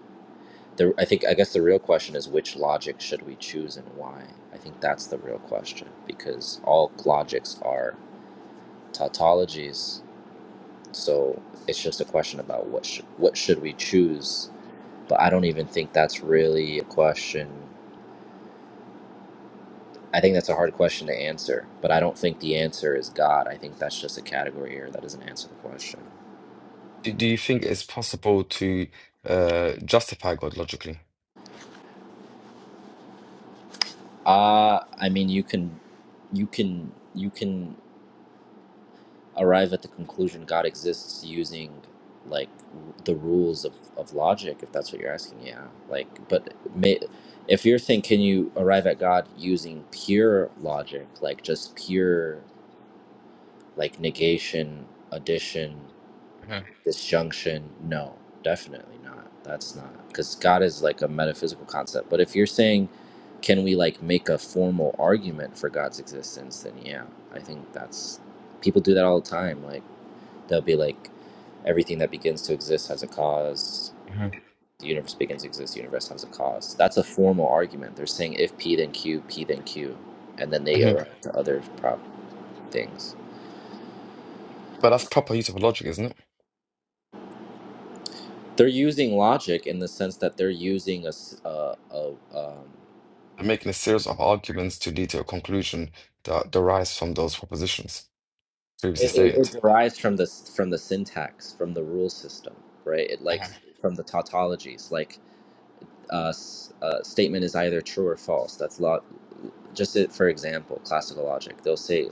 A: the i think i guess the real question is which logic should we choose and why i think that's the real question because all logics are tautologies. So it's just a question about what sh- what should we choose. But I don't even think that's really a question. I think that's a hard question to answer. But I don't think the answer is God. I think that's just a category here that doesn't answer the question.
C: Do, do you think it's possible to uh justify God logically?
A: Uh I mean you can, you can, you can. arrive at the conclusion God exists using like the rules of, of logic if that's what you're asking yeah like but may, if you're saying can you arrive at God using pure logic like just pure like negation addition
C: hmm
A: disjunction no definitely not that's not because God is like a metaphysical concept but if you're saying can we like make a formal argument for God's existence then yeah I think that's people do that all the time like They'll be like, everything that begins to exist has a cause.
C: hmm
A: The universe begins to exist. The universe has a cause. That's a formal argument. They're saying if P then Q, P then Q, and then they
C: hmm
A: are to other prop things.
C: But that's proper use of logic, isn't it?
A: They're using logic in the sense that they're using a, s- a- a, um,
C: and making a series of arguments to detail a conclusion that derives from those propositions previously
A: it, it,
C: stated.
A: it derives from the s- from the syntax, from the rule system, right? It like from the tautologies, like uh, s- uh, statement is either true or false. That's lot. Just it for example, classical logic. They'll say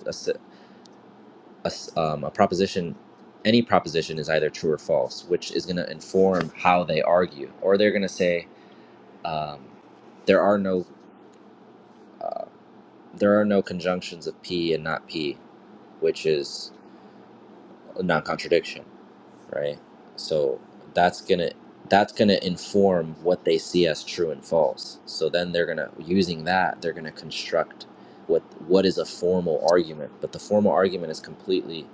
A: a, s- um, a proposition any proposition is either true or false which is going to inform how they argue or they're going to say um, there are no there are no conjunctions of p and not p which is a non-contradiction right so that's going to that's going to inform what they see as true and false so then they're going to using that they're going to construct what what is a formal argument but the formal argument is completely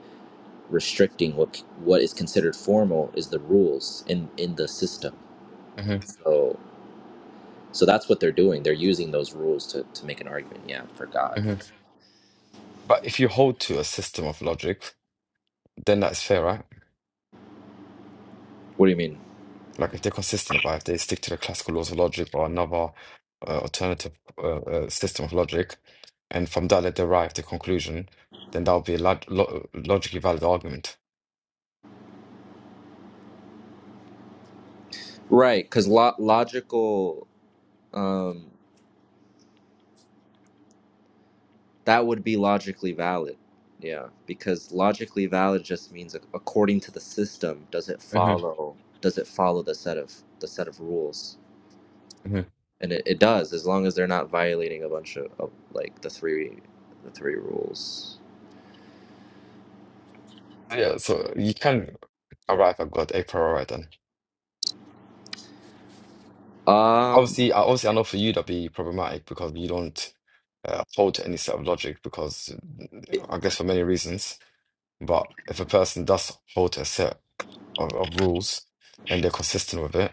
A: restricting what what is considered formal is the rules in in the system.
C: hmm
A: So so that's what they're doing. They're using those rules to to make an argument. Yeah, for God.
C: hmm But if you hold to a system of logic, then that's fair, right?
A: What do you mean?
C: Like if they're consistent about it, if they stick to the classical laws of logic or another uh, alternative uh, uh, system of logic, and from that they derive the conclusion, then that would be a log lo logically valid argument.
A: Right, because lo- logical um, that would be logically valid. Yeah, because logically valid just means ac- according to the system, does it
C: hmm
A: follow? Does it follow the set of the set of rules?
C: hmm
A: And it, it does, as long as they're not violating a bunch of, of like the three the three rules.
C: Yeah, so you can arrive at God a priori then.
A: Um,
C: Obviously, I- obviously, I know for you that'd be problematic because you don't uh, hold to any set of logic because mm, I guess for many reasons. But if a person does hold to a set of, of rules and they're consistent with it,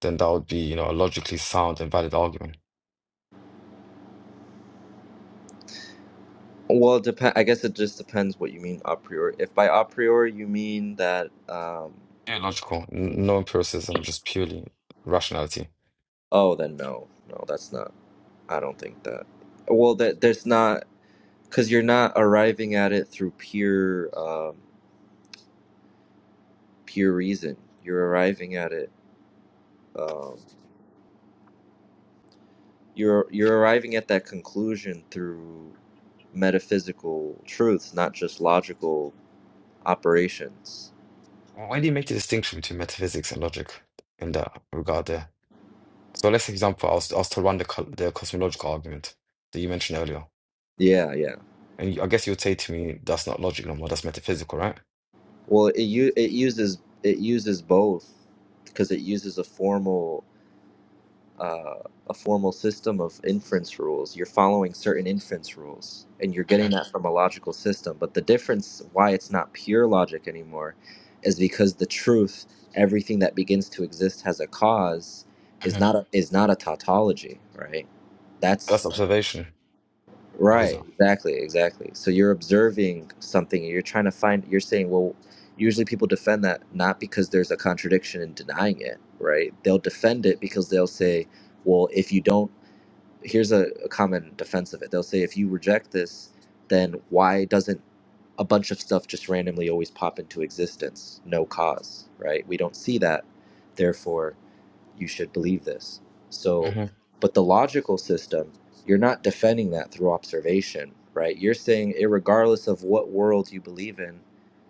C: then that would be, you know, a logically sound and valid argument.
A: Well, it depend. I guess it just depends what you mean a priori. If by a priori you mean that, um,
C: Yeah, logical. N- No empiricism, just purely rationality.
A: oh, then no, no, that's not. I don't think that. Well, that there's not because you're not arriving at it through pure, um, pure reason. You're arriving at it. Um, you're you're arriving at that conclusion through metaphysical truths, not just logical operations.
C: Why do you make the distinction between metaphysics and logic in that regard there? So let's for example, I was, I was to run the, co- the cosmological argument that you mentioned earlier.
A: Yeah. Yeah.
C: And I guess you would say to me, that's not logic no more, that's metaphysical, right?
A: Well, it u- it uses it uses both because it uses a formal uh, a formal system of inference rules. You're following certain inference rules, and you're getting
C: Mm-hmm,
A: that from a logical system. But the difference, why it's not pure logic anymore, is because the truth, everything that begins to exist has a cause, is
C: mm-hmm,
A: not a, is not a tautology, right? That's
C: That's observation. What is
A: Right,
C: that?
A: exactly, exactly. So you're observing something and you're trying to find, you're saying, well, usually people defend that not because there's a contradiction in denying it, right? They'll defend it because they'll say, well, if you don't, here's a, a common defense of it. They'll say, if you reject this, then why doesn't a bunch of stuff just randomly always pop into existence? No cause, right? We don't see that. Therefore, you should believe this. So,
C: mm-hmm,
A: but the logical system, you're not defending that through observation, right? You're saying, regardless of what world you believe in,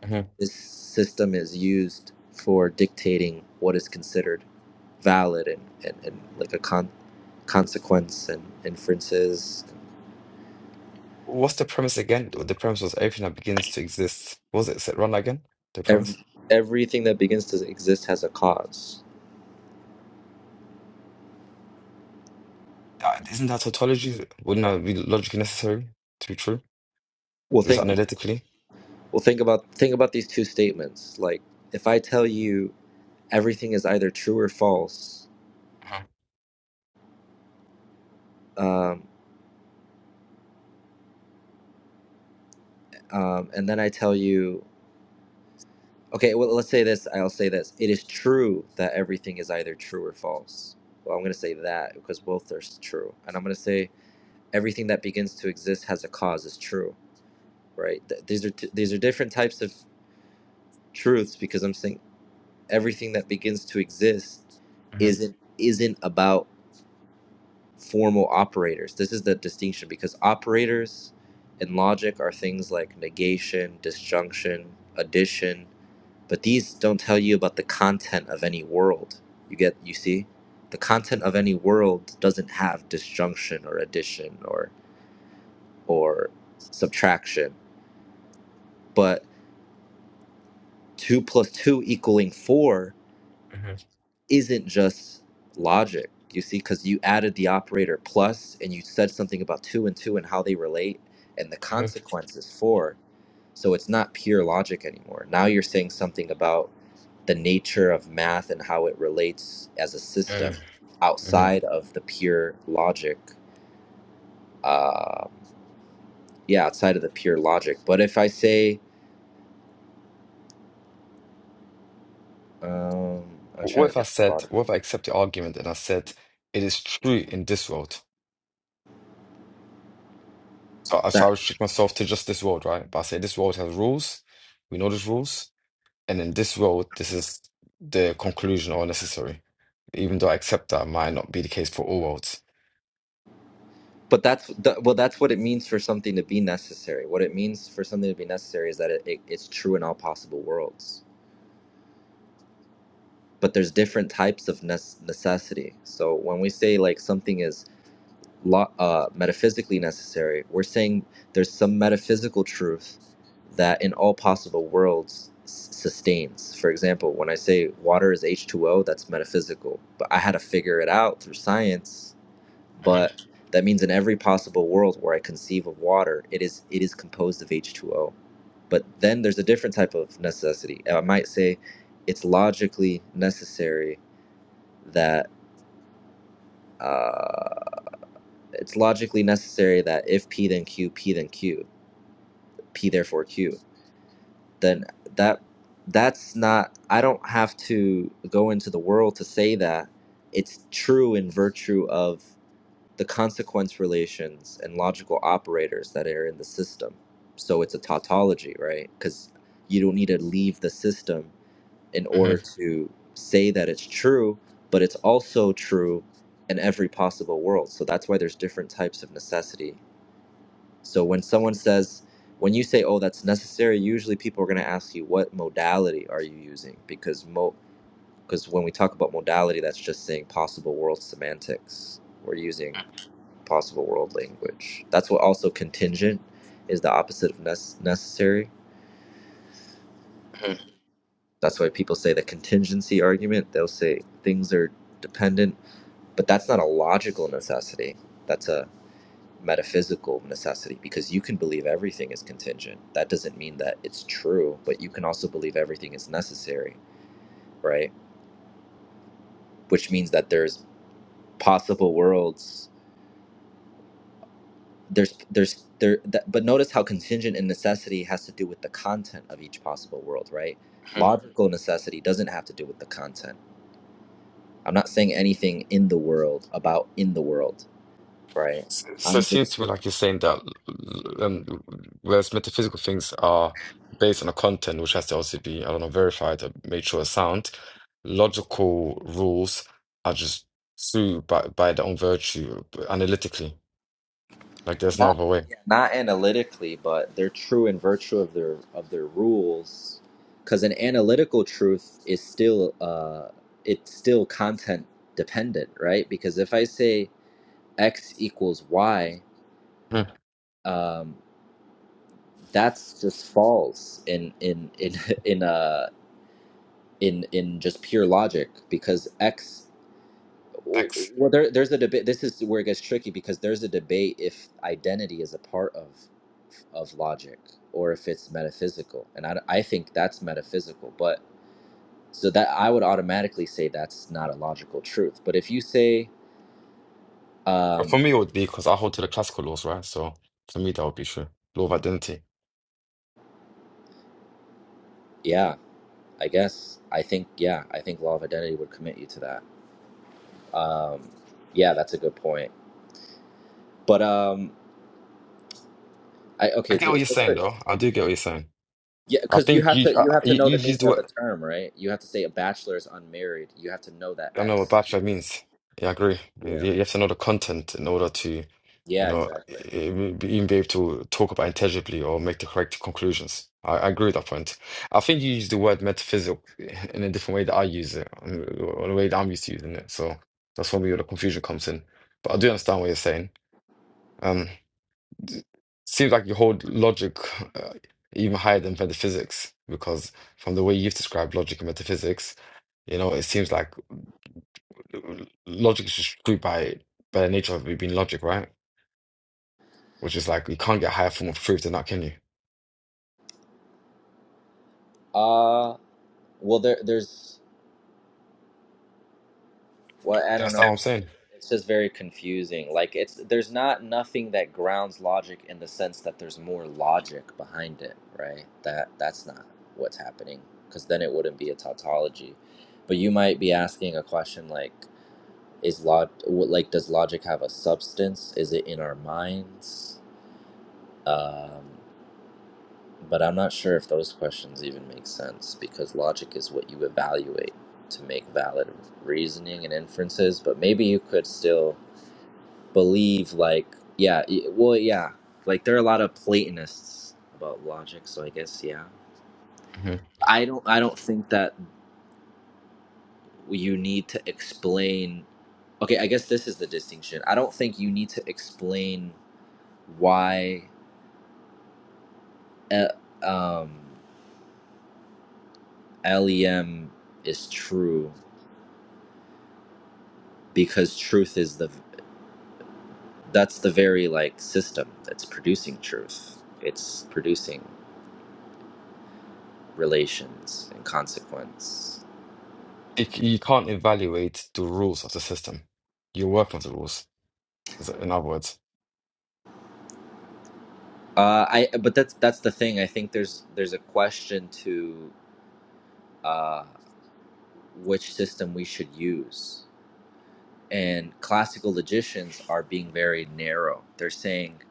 C: mm-hmm.
A: this system is used for dictating what is considered valid and, and, and like a con- consequence and inferences.
C: What's the premise again? The premise was everything that begins to exist. What was it? Say- Run that again? The
A: Every,
C: premise?
A: everything that begins to exist has a cause.
C: Uh, Isn't that tautology? Wouldn't that be logically necessary to be true?
A: Well,
C: Just
A: think
C: analytically?
A: well think about think about these two statements. Like, if I tell you everything is either true or false,
C: Mm-hmm,
A: um, um, and then I tell you, okay, well, let's say this. I'll say this. It is true that everything is either true or false. Well, I'm going to say that because both are s- true, and I'm going to say everything that begins to exist has a cause is true, right? Th- these are t- these are different types of truths because I'm saying everything that begins to exist isn't isn't about formal operators. This is the distinction because operators in logic are things like negation, disjunction, addition. but these don't tell you about the content of any world you get you see the content of any world doesn't have disjunction or addition or or subtraction but 2 plus 2 equaling 4
C: mm-hmm,
A: isn't just logic, you see, because you added the operator plus and you said something about two and two and how they relate and the
C: mm-hmm,
A: consequences for. So it's not pure logic anymore. Now you're saying something about the nature of math and how it relates as a system
C: mm-hmm. Mm-hmm.
A: outside of the pure logic. Uh, yeah, outside of the pure logic. But if I say, um, I'm
C: What
A: trying to
C: if I
A: think of a
C: said,
A: logic.
C: what if I accept the argument and I said, it is true in this world? So, I- so I restrict myself to just this world, right? But I say this world has rules. We know these rules. And in this world, this is the conclusion or necessary. Even though I accept that might not be the case for all worlds.
A: But that's the, well, that's what it means for something to be necessary. What it means for something to be necessary is that it, it, it's true in all possible worlds. But there's different types of nes- necessity. So when we say like something is lo- uh, metaphysically necessary, we're saying there's some metaphysical truth that in all possible worlds s- sustains. For example, when I say water is H2O, that's metaphysical. But I had to figure it out through science
C: Mhm,
A: but that means in every possible world where I conceive of water, it is it is composed of H2O. But then there's a different type of necessity. I might say it's logically necessary that uh, it's logically necessary that if P then Q, P then Q, P therefore Q, then that that's not I don't have to go into the world to say that it's true in virtue of the consequence relations and logical operators that are in the system. So it's a tautology, right? Because you don't need to leave the system in order
C: mhm,
A: to say that it's true, but it's also true in every possible world. So that's why there's different types of necessity. So when someone says, when you say, "Oh, that's necessary," usually people are going to ask you, "What modality are you using?" Because mo because when we talk about modality, that's just saying possible world semantics. We're using possible world language. That's what also contingent is the opposite of nece- necessary.
C: mhm,
A: That's why people say the contingency argument. They'll say things are dependent, but that's not a logical necessity. That's a metaphysical necessity because you can believe everything is contingent. That doesn't mean that it's true, but you can also believe everything is necessary, right? Which means that there's possible worlds there's there's there that, but notice how contingent and necessity has to do with the content of each possible world right
C: mhm.
A: logical necessity doesn't have to do with the content i'm not saying anything in the world about in the world right
C: So, so it
A: i'm just
C: seems to me like you're saying that um, whereas metaphysical things are based on a content which has to also be, I don't know, verified or made sure it's sound, logical rules are just true by, by their own virtue analytically. Like there's no
A: not
C: other
A: yeah,
C: way.
A: not analytically but they're true in virtue of their of their rules because an analytical truth is still uh it's still content dependent right because if i say x equals y um, that's just false in in in in uh in in just pure logic because x
C: X.
A: well there there's a debate this is where it gets tricky because there's a debate if identity is a part of of logic or if it's metaphysical and i, I think that's metaphysical but so that i would automatically say that's not a logical truth but if you say
C: But
A: um
C: for me, it would be because I hold to the classical laws, right? So for me, that would be true. Law of identity.
A: yeah i guess i think yeah i think law of identity would commit you to that um yeah that's a good point but um I
C: I
A: okay.
C: get
A: So,
C: what you're
A: so
C: saying,
A: for-
C: though. I do get what you're saying.
A: yeah,
C: I
A: because you
C: think
A: have
C: you
A: to you
C: uh,
A: have to
C: you,
A: know
C: you
A: the
C: used
A: meaning
C: the
A: of
C: word.
A: the term, right? You have to say a bachelor is unmarried. You have to know that
C: I know what
A: X.
C: bachelor means. Yeah, I agree. You
A: Yeah.
C: you have to know the content in order to, you
A: Yeah.
C: know,
A: Exactly.
C: e- e- even be able to talk about intelligibly or make the correct conclusions. I, I agree with that point. I think you use the word metaphysical in a different way that I use it, um, or the way that I'm used to using it. So that's probably where the confusion comes in. But I do understand what you're saying. Um, d- seems like you hold logic uh, even higher than metaphysics because from the way you've described logic and metaphysics, you know, it seems like l- logic is just true by by the nature of it being logic, right? Which is like you can't get a higher form of truth than that, can you?
A: Uh. Well, there there's well I don't
C: That's
A: know.
C: not what I'm saying.
A: It's just very confusing. Like it's there's not nothing that grounds logic in the sense that there's more logic behind it, right? That that's not what's happening because then it wouldn't be a tautology. But you might be asking a question like. is log what- like does logic have a substance is it in our minds um, but i'm not sure if those questions even make sense because logic is what you evaluate to make valid reasoning and inferences but maybe you could still believe like yeah y- well yeah like there are a lot of platonists about logic so i guess yeah
C: hmm
A: i don't i don't think that you need to explain okay i guess this is the distinction i don't think you need to explain why e- um, LEM is true because truth is the that's the very like system that's producing truth. It's producing relations and consequence.
C: You, c- you can't evaluate the rules of the system. You work with the rules, is- in other words.
A: Uh, I but that's that's the thing. I think there's there's a question to uh, which system we should use. And classical logicians are being very narrow. They're saying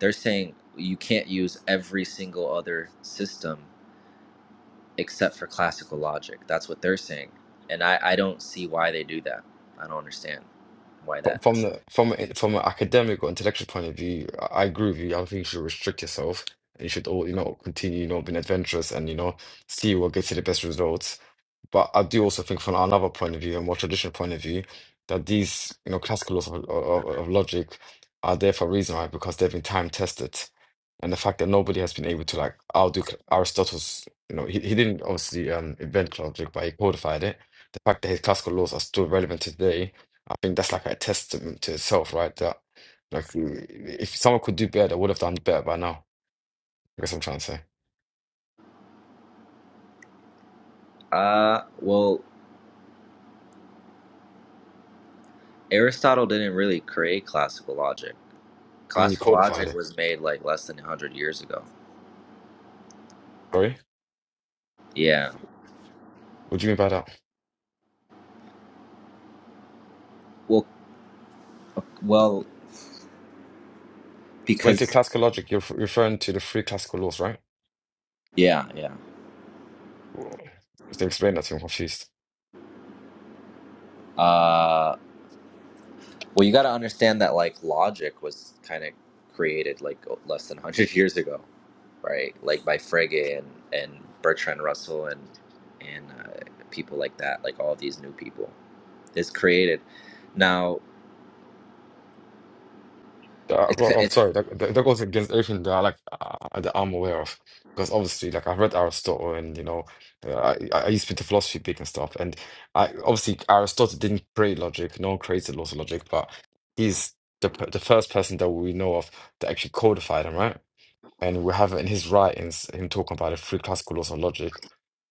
A: they're saying you can't use every single other system except for classical logic. That's what they're saying. And I, I don't see why they do that. I don't understand why
C: From
A: that.
C: from the from a- from an academic or intellectual point of view, I I agree with you. I don't think you should restrict yourself. You should all, you know, continue, you know, being adventurous and, you know, see what gets you the best results. But I do also think from another point of view, a more traditional point of view, that these, you know, classical laws of, of, of logic are there for a reason, right? Because they've been time tested. And the fact that nobody has been able to like outdo Cl- Aristotle's, you know, he, he didn't obviously um, invent logic, but he codified it. The fact that his classical laws are still relevant today, I think that's like a testament to itself, right? That like if someone could do better, they would have done better by now. I guess I'm trying to say.
A: Uh, well, Aristotle didn't really create classical logic.
C: I mean, you
A: Classical
C: codified
A: logic
C: it.
A: was made like less than 100 years ago.
C: Sorry?
A: Yeah.
C: What do you mean by that?
A: Well, well,
C: When you say
A: because
C: classical logic, you're f- referring to the three classical laws, right?
A: yeah, yeah.
C: If they explain that to me, I'm confused.
A: Uh, Well, you got to understand that like logic was kind of created like less than 100 years ago, right? Like by Frege and and Bertrand Russell and and uh, people like that, like all these new people. It's created. Now,
C: Uh,
A: it's
C: well, I'm
A: it's
C: sorry, that, that that goes against everything that I like uh, uh, that I'm aware of. Because obviously, like I've read Aristotle, and you know, uh, I, I used to be into philosophy big and stuff. And I obviously Aristotle didn't create logic; no one created laws of logic, but he's the p- the first person that we know of that actually codified them, right? And we have in his writings him talking about the three classical laws of logic.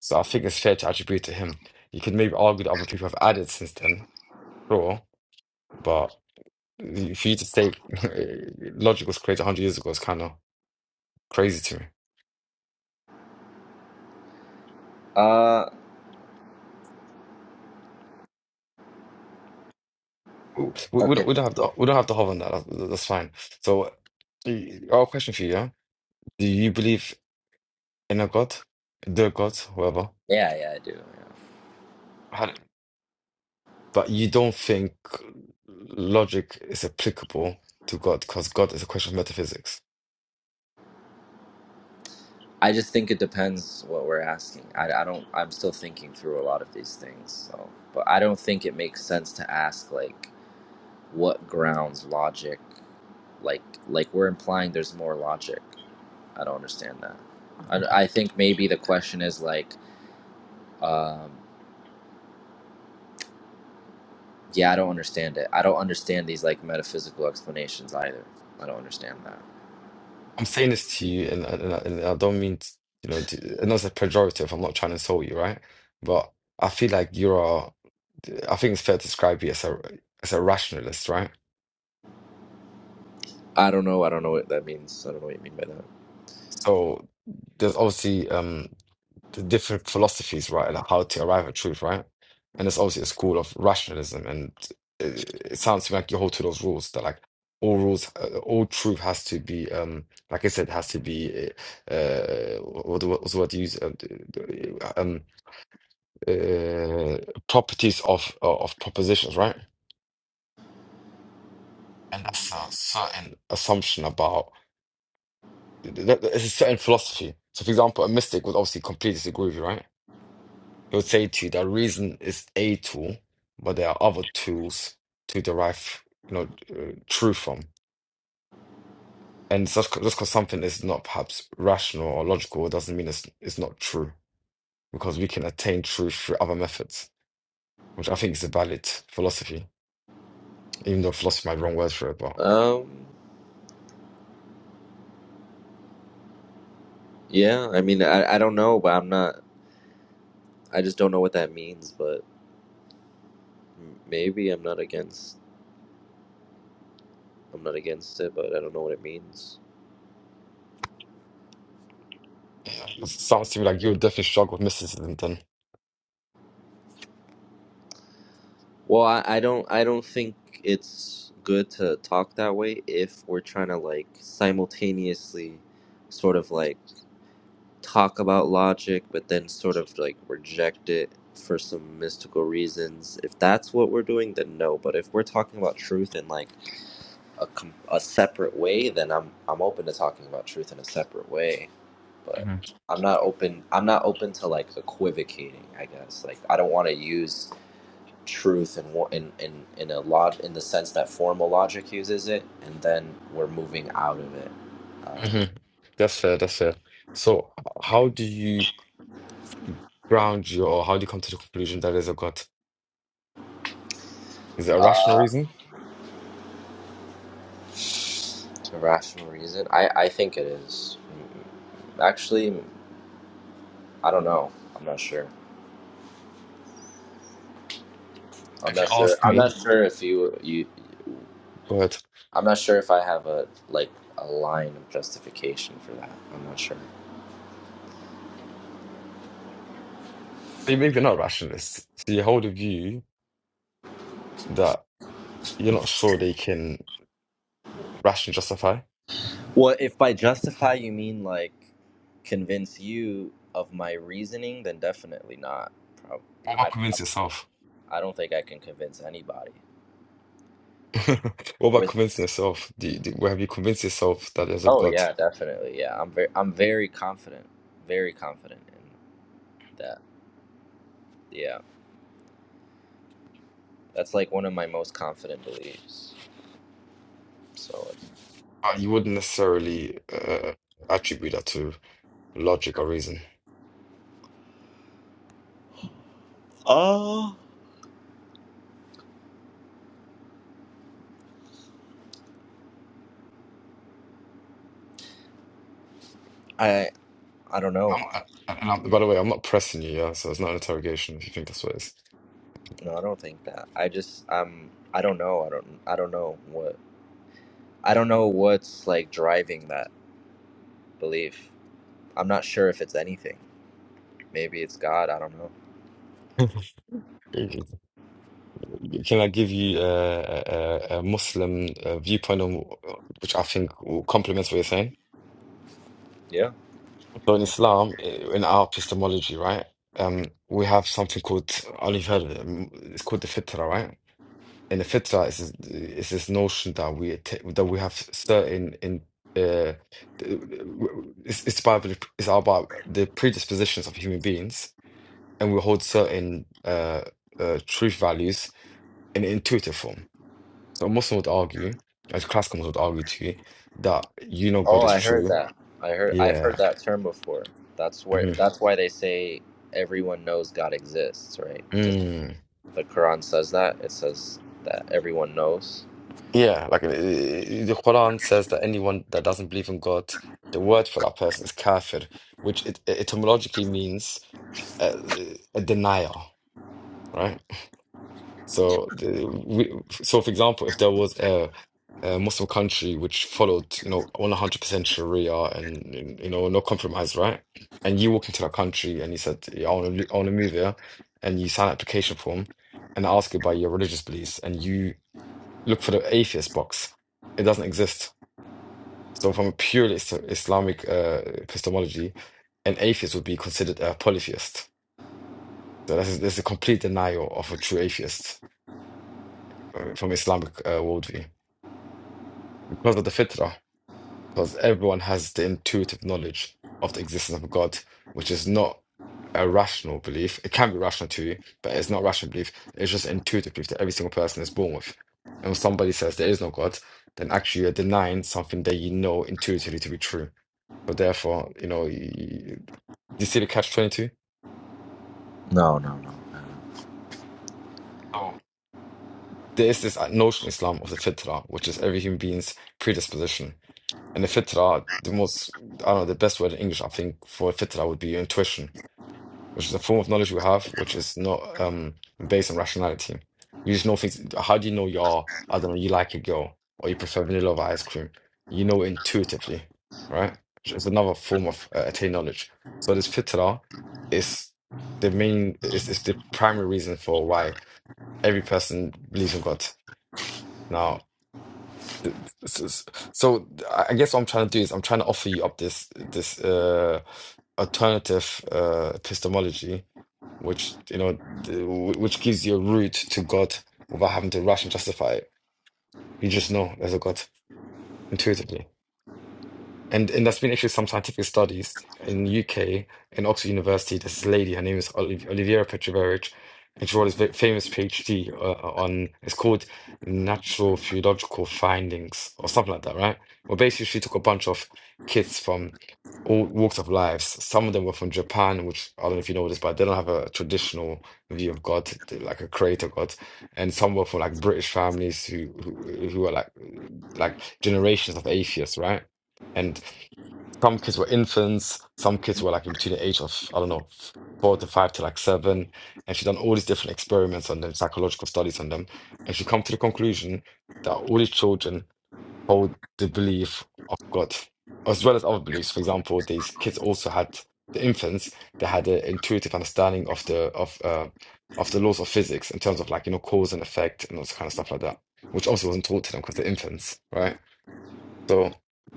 C: So I think it's fair to attribute to him. You could maybe argue that other people have added since then, sure, but for you to say logic was created 100 years ago is kind of crazy to me.
A: uh
C: We, we,
A: okay.
C: don't, we don't have to we don't have to hover on that. That's, that's fine. So, y- our question for you: yeah? Do you believe in a God, the God, whoever?
A: Yeah, yeah, I do. Yeah.
C: How But you don't think logic is applicable to God because God is a question of metaphysics.
A: I just think it depends what we're asking. I, I don't I'm still thinking through a lot of these things. So, but I don't think it makes sense to ask like what grounds logic Like like we're implying there's more logic. I don't understand that. I, I think maybe the question is like, um, yeah, I don't understand it. I don't understand these like metaphysical explanations either. I don't understand that.
C: I'm saying this to you, and, and, and I don't mean t you know, to, and that's a pejorative. I'm not trying to insult you, right? But I feel like you're a, I think it's fair to describe you as a as a rationalist, right?
A: I don't know. I don't know what that means. I don't know what you mean by that.
C: So there's obviously um the different philosophies, right, like how to arrive at truth, right? And it's obviously a school of rationalism, and it, it sounds to me like you hold to those rules that like all rules, uh, all truth has to be, um, like I said, has to be, uh, uh, what what was the word you use? Um, um, uh, properties of uh, of propositions, right? And that's a certain assumption about th- th- it's a certain philosophy. So, for example, a mystic would obviously completely disagree with you, right? He'll say to you that reason is a tool, but there are other tools to derive, you know, uh, truth from. And just just because something is not perhaps rational or logical doesn't mean it's it's not true, because we can attain truth through other methods, which I think is a valid philosophy. Even though philosophy might be the wrong word for it, but
A: Um, yeah, I mean, I, I don't know, but I'm not. I just don't know what that means. But m- maybe I'm not against. I'm not against it, but I don't know what it means.
C: it sounds to me like you would definitely struggle with mysticism then.
A: Well, I, I don't I don't think it's good to talk that way if we're trying to like simultaneously sort of like talk about logic but then sort of like reject it for some mystical reasons. If that's what we're doing then no, but if we're talking about truth in like a com- a separate way then I'm I'm open to talking about truth in a separate way, but
C: hmm
A: I'm not open I'm not open to like equivocating, I guess. Like I don't want to use truth and in in in a lot in the sense that formal logic uses it, and then we're moving out of it.
C: hmm That's fair, that's fair. So, h- how do you ground your, or how do you come to the conclusion that there's a God? Is it a
A: Uh,
C: rational
A: uh,
C: reason?
A: rational reason? I I think it is. Mm, Actually, I don't know. I'm not sure. I'm
C: If you
A: not sure.
C: ask
A: I'm
C: me,
A: not sure if you you.
C: but
A: I'm not sure if I have a like a line of justification for that. I'm not sure.
C: you- maybe you're not a rationalist. So you hold a view that you're not sure they can rationally justify.
A: Well, if by justify you mean like convince you of my reasoning, then definitely not. Prob-
C: What about
A: I
C: convince
A: probably
C: yourself?
A: I don't think I can convince anybody.
C: What about
A: With
C: convincing yourself? Do you, do, well, have you convinced yourself that there's a
A: oh
C: God?
A: yeah, definitely yeah. I'm very I'm very confident, very confident in that. Yeah, that's like one of my most confident beliefs. So
C: Uh, you wouldn't necessarily uh, attribute that to logic or reason.
A: oh, I I don't know.
C: I'm, I, and I'm, by the way, I'm not pressing you, yeah, so it's not an interrogation if you think that's what
A: No, I don't think that. I just um I don't know. I don't I don't know what I don't know what's like driving that belief. I'm not sure if it's anything. Maybe it's God. I don't know.
C: it is. Can I give you a, a, a Muslim uh, viewpoint on which I think complements what you're saying?
A: Yeah.
C: So in Islam, in our epistemology, right, um, we have something called, I don't know if you've heard of it, um, it's called the fitrah, right? And the fitrah is this, is this notion that we atta- that we have certain in uh, it's, it's about it's about the predispositions of human beings, and we hold certain uh, uh, truth values in intuitive form. So a Muslim would argue, as classical Muslims would argue to you, that you know God
A: Oh,
C: is
A: I heard
C: true.
A: that. I heard. I've
C: Yeah.
A: heard that term before. That's where.
C: hmm
A: That's why they say everyone knows God exists, right? Because
C: Mm.
A: the Quran says that. It says that everyone knows.
C: Yeah, like uh, the Quran says that anyone that doesn't believe in God, the word for that person is kafir, which it, it etymologically means uh, a denier, right? So, the, we, so for example, if there was a, a Muslim country which followed, you know, 100% Sharia and, you know, no compromise, right? And you walk into that country and you said, yeah, I want to, I want to move here, and you sign an application form and I ask you about your religious beliefs, and you look for the atheist box, it doesn't exist. So, from a pure is- Islamic uh, epistemology, an atheist would be considered a polytheist. So, that's, that's a complete denial of a true atheist uh, from Islamic uh, worldview. Because of the fitrah, because everyone has the intuitive knowledge of the existence of God, which is not a rational belief. It can be rational to you, but it's not rational belief. It's just intuitive belief that every single person is born with. And when somebody says there is no God, then actually you're denying something that you know intuitively to be true. So therefore, you know, you, you see the catch 22?
A: No, no, no. no.
C: Oh. There is this uh, notion in Islam of the fitrah, which is every human being's predisposition And the fitra, the most, I don't know, the best word in English, I think, for fitra would be intuition, which is a form of knowledge we have, which is not um, based on rationality. You just know things. How do you know you're, I don't know, you like a girl or you prefer vanilla over ice cream? You know intuitively, right? Which is another form of uh, attained knowledge. So this fitra is the main, is, is the primary reason for why every person believes in God. Now, this is so. I guess what I'm trying to do is I'm trying to offer you up this this uh, alternative uh, epistemology, which you know, th- which gives you a route to God without having to rush and justify it. You just know there's a God intuitively. And and there's been actually some scientific studies in UK in Oxford University. There's this lady, her name is Oliv Olivera Petrovic, and she wrote this very famous PhD uh, uh, on it's called Natural Theological Findings or something like that, right? Well, basically, she took a bunch of kids from all walks of lives. Some of them were from Japan, which I don't know if you know this, but they don't have a traditional view of God, they're like a creator God. And some were from like British families who who, who are like like generations of atheists, right? And some kids were infants. Some kids were like in between the age of, I don't know, f- four to five to like seven. And she done all these different experiments on them, psychological studies on them. And she come to the conclusion that all these children hold the belief of God, as well as other beliefs. For example, these kids also had the infants, they had an intuitive understanding of the of uh, of the laws of physics in terms of like, you know, cause and effect and all this kind of stuff like that, which also wasn't taught to them because they're infants, right? So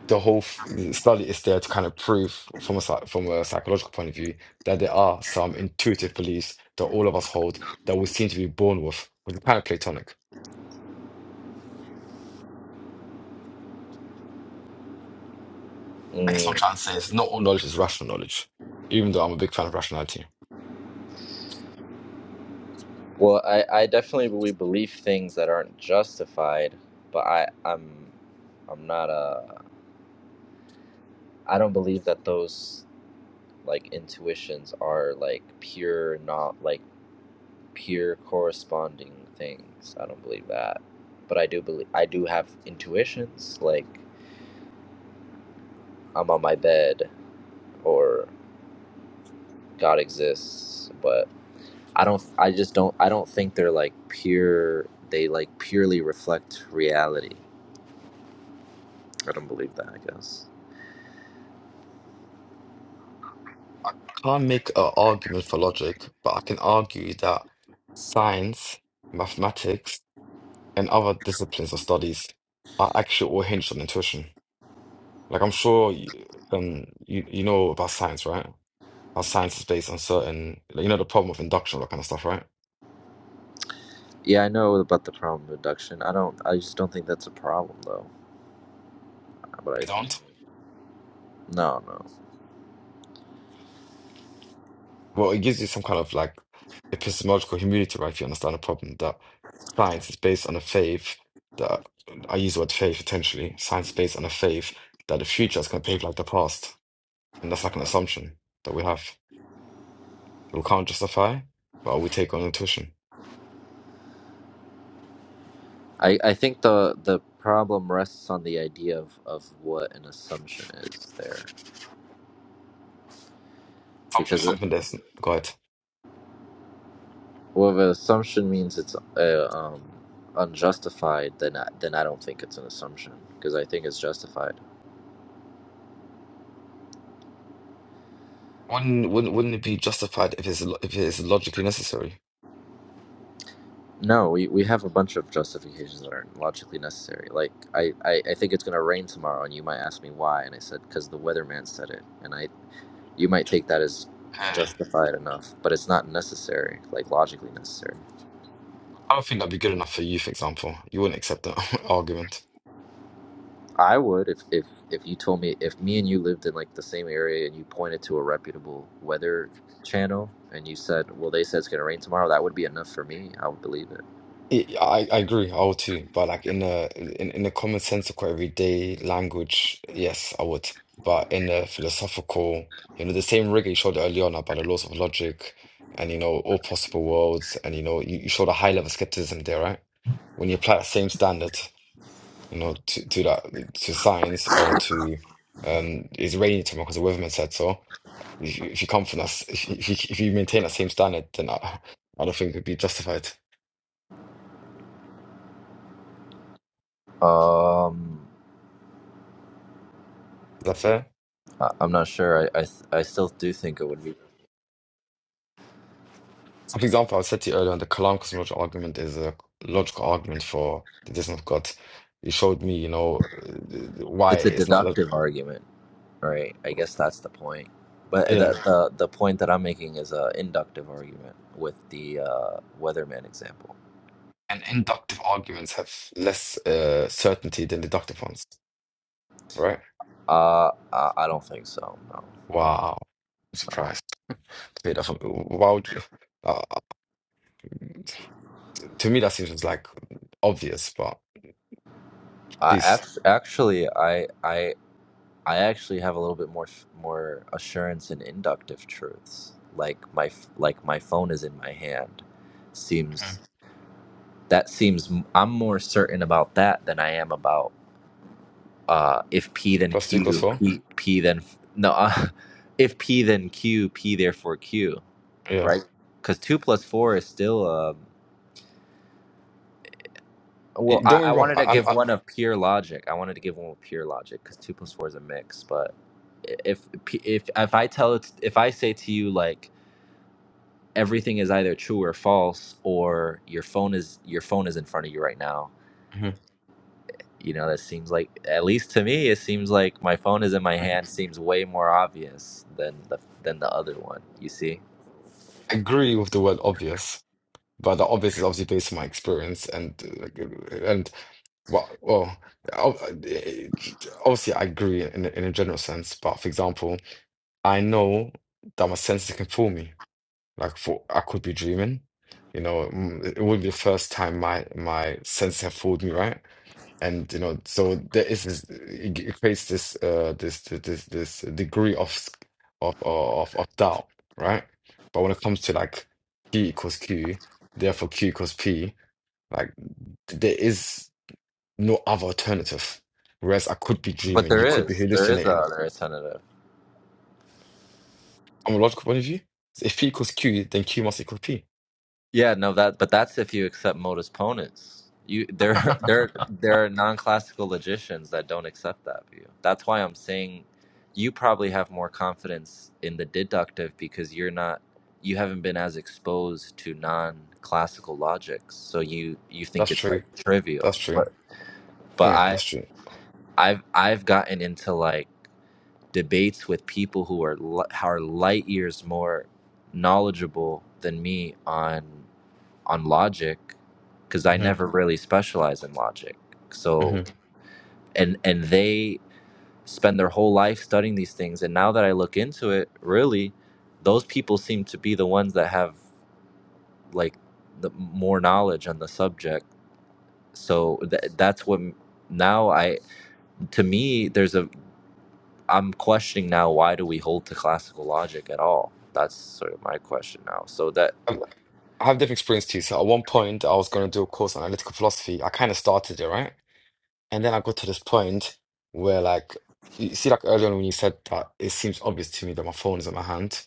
C: the whole f- study is there to kind of prove from a psy- from a psychological point of view that there are some intuitive beliefs that all of us hold that we seem to be born with, which is kind of Platonic. I guess what I'm
A: Mm.
C: trying to say is not all knowledge is rational knowledge, even though I'm a big fan of rationality.
A: Well, I, I definitely we believe things that aren't justified, but I I'm I'm not ai don't believe that those like intuitions are like pure not like pure corresponding things. I don't believe that. But I do believe I do have intuitions like I'm on my bed or God exists, but I don't I just don't I don't think they're like pure they like purely reflect reality. I don't believe that, I guess.
C: I can't make an argument for logic, but I can argue that science, mathematics, and other disciplines or studies are actually all hinged on intuition. Like I'm sure you, um, you you know about science, right? How science is based on certain, like, you know, the problem of induction, all that kind of stuff, right?
A: Yeah, I know about the problem of induction. I don't I just don't think that's a problem though. But I
C: You don't?
A: no, no.
C: Well, it gives you some kind of like epistemological humility, right? If you understand the problem that science is based on a faith that I use the word faith potentially. Science is based on a faith that the future is going to behave like the past, and that's like an assumption that we have that we can't justify, but we take on intuition.
A: I, I think the the problem rests on the idea of, of what an assumption is there.
C: Assumption is
A: Because uh,
C: something that's go ahead.
A: Well, if an assumption means it's uh, um, unjustified, then I, then I don't think it's an assumption because I think it's justified.
C: Wouldn't wouldn't wouldn't it be justified if it's lo- if it's logically necessary?
A: No, we, we have a bunch of justifications that aren't logically necessary. Like I, I, I think it's gonna rain tomorrow, and you might ask me why, and I said because the weatherman said it, and I you might take that as
C: Okay.
A: justified enough, but it's not necessary, like logically necessary.
C: I don't think that'd be good enough for you, for example. You wouldn't accept that argument.
A: I would if if if you told me if me and you lived in like the same area and you pointed to a reputable weather channel and you said, "Well, they said it's gonna rain tomorrow," that would be enough for me. I would believe it.
C: I, I I agree, I would too. But like in a in, in a common sensical everyday language, yes, I would. But in a philosophical, you know, the same rigor you showed earlier on about the laws of logic and you know, all possible worlds and you know, you, you showed a high level of skepticism there, right? When you apply that same standard, you know, to, to that to science or to um Israeli term because the Weatherman said so If you, if you come from that, s- if you, if you if you maintain that same standard, then I, I don't think it would be justified. Is
A: Um,
C: that fair?
A: I, I'm not sure. I, I th- I still do think it would be.
C: So, for example, I said to you earlier, the Kalam cosmological argument is a logical argument for the existence of God. You showed me, you know, uh, why
A: It's a
C: it's not. Log-
A: deductive argument, right? I guess that's the point. But the
C: yeah,
A: the, the point that I'm making is a inductive argument with the uh, weatherman example.
C: and inductive arguments have less uh, certainty than deductive ones, right?
A: Uh, I, I don't think so. No, no.
C: Wow, I'm surprised. Wait, I thought, Why would you? Uh, to me, that seems like obvious, but
A: I
C: please,
A: act- actually, I I I actually have a little bit more more assurance in inductive truths. Like my f- like my phone is in my hand.
C: Mhm.
A: Seems that seems I'm more certain about that than I am about uh, if P
C: two
A: then
C: plus two equals
A: Q
C: four.
A: P P then f- no uh, if P then Q P therefore Q
C: Yeah.
A: right because two plus four is still a. Well,
C: It-
A: I,
C: don't get
A: I
C: me wrong.
A: wanted
C: I,
A: to give
C: I, I
A: one of pure logic. I wanted to give one with pure logic because two plus four is a mix. But i- if p- if if I tell it, if I say to you like everything is either true or false, or your phone is your phone is in front of you right now,
C: Mhm.
A: you know that seems like at least to me it seems like my phone is in my hand seems way more obvious than the than the other one. You see,
C: agree with the word obvious, but the obvious is obviously based on my experience and uh, and well, well, ob- eh, obviously I agree in a- in a general sense. But for example, I know that my senses can fool me. Like for I could be dreaming. You know, mm, it wouldn't be the first time my my senses have fooled me, right? and you know so there is this it it creates this uh this this this degree of s- of of of doubt right but when it comes to like p equals q therefore q equals p like there is no other alternative whereas i could be
A: but
C: dreaming
A: there
C: you could be
A: is there is a
C: hallucinating
A: other alternative.
C: from a logical point of view if p equals q then q must equal p
A: Yeah, no, that but that's if you accept modus ponens. You there are- there there are non-classical logicians that don't accept that view. That's why I'm saying you probably have more confidence in the deductive because you're not you haven't been as exposed to non-classical logic. So you you think
C: that's
A: it's
C: true
A: like trivial.
C: that's true
A: But but
C: yeah
A: I
C: that's true
A: I've I've gotten into like debates with people who are li- who are light years more knowledgeable than me on on logic because I
C: hmm
A: never really specialize in logic. So
C: hmm
A: and and they spend their whole life studying these things and now that I look into it, really those people seem to be the ones that have like the more knowledge on the subject. So th- that's what m- now I to me there's a I'm questioning now why do we hold to classical logic at all? That's sort of my question now. So that
C: I have different experience too. So at one point, I was going to do a course on analytical philosophy. I kind of started it, right? And then I got to this point where, like, you see, like earlier on when you said that, it seems obvious to me that my phone is in my hand.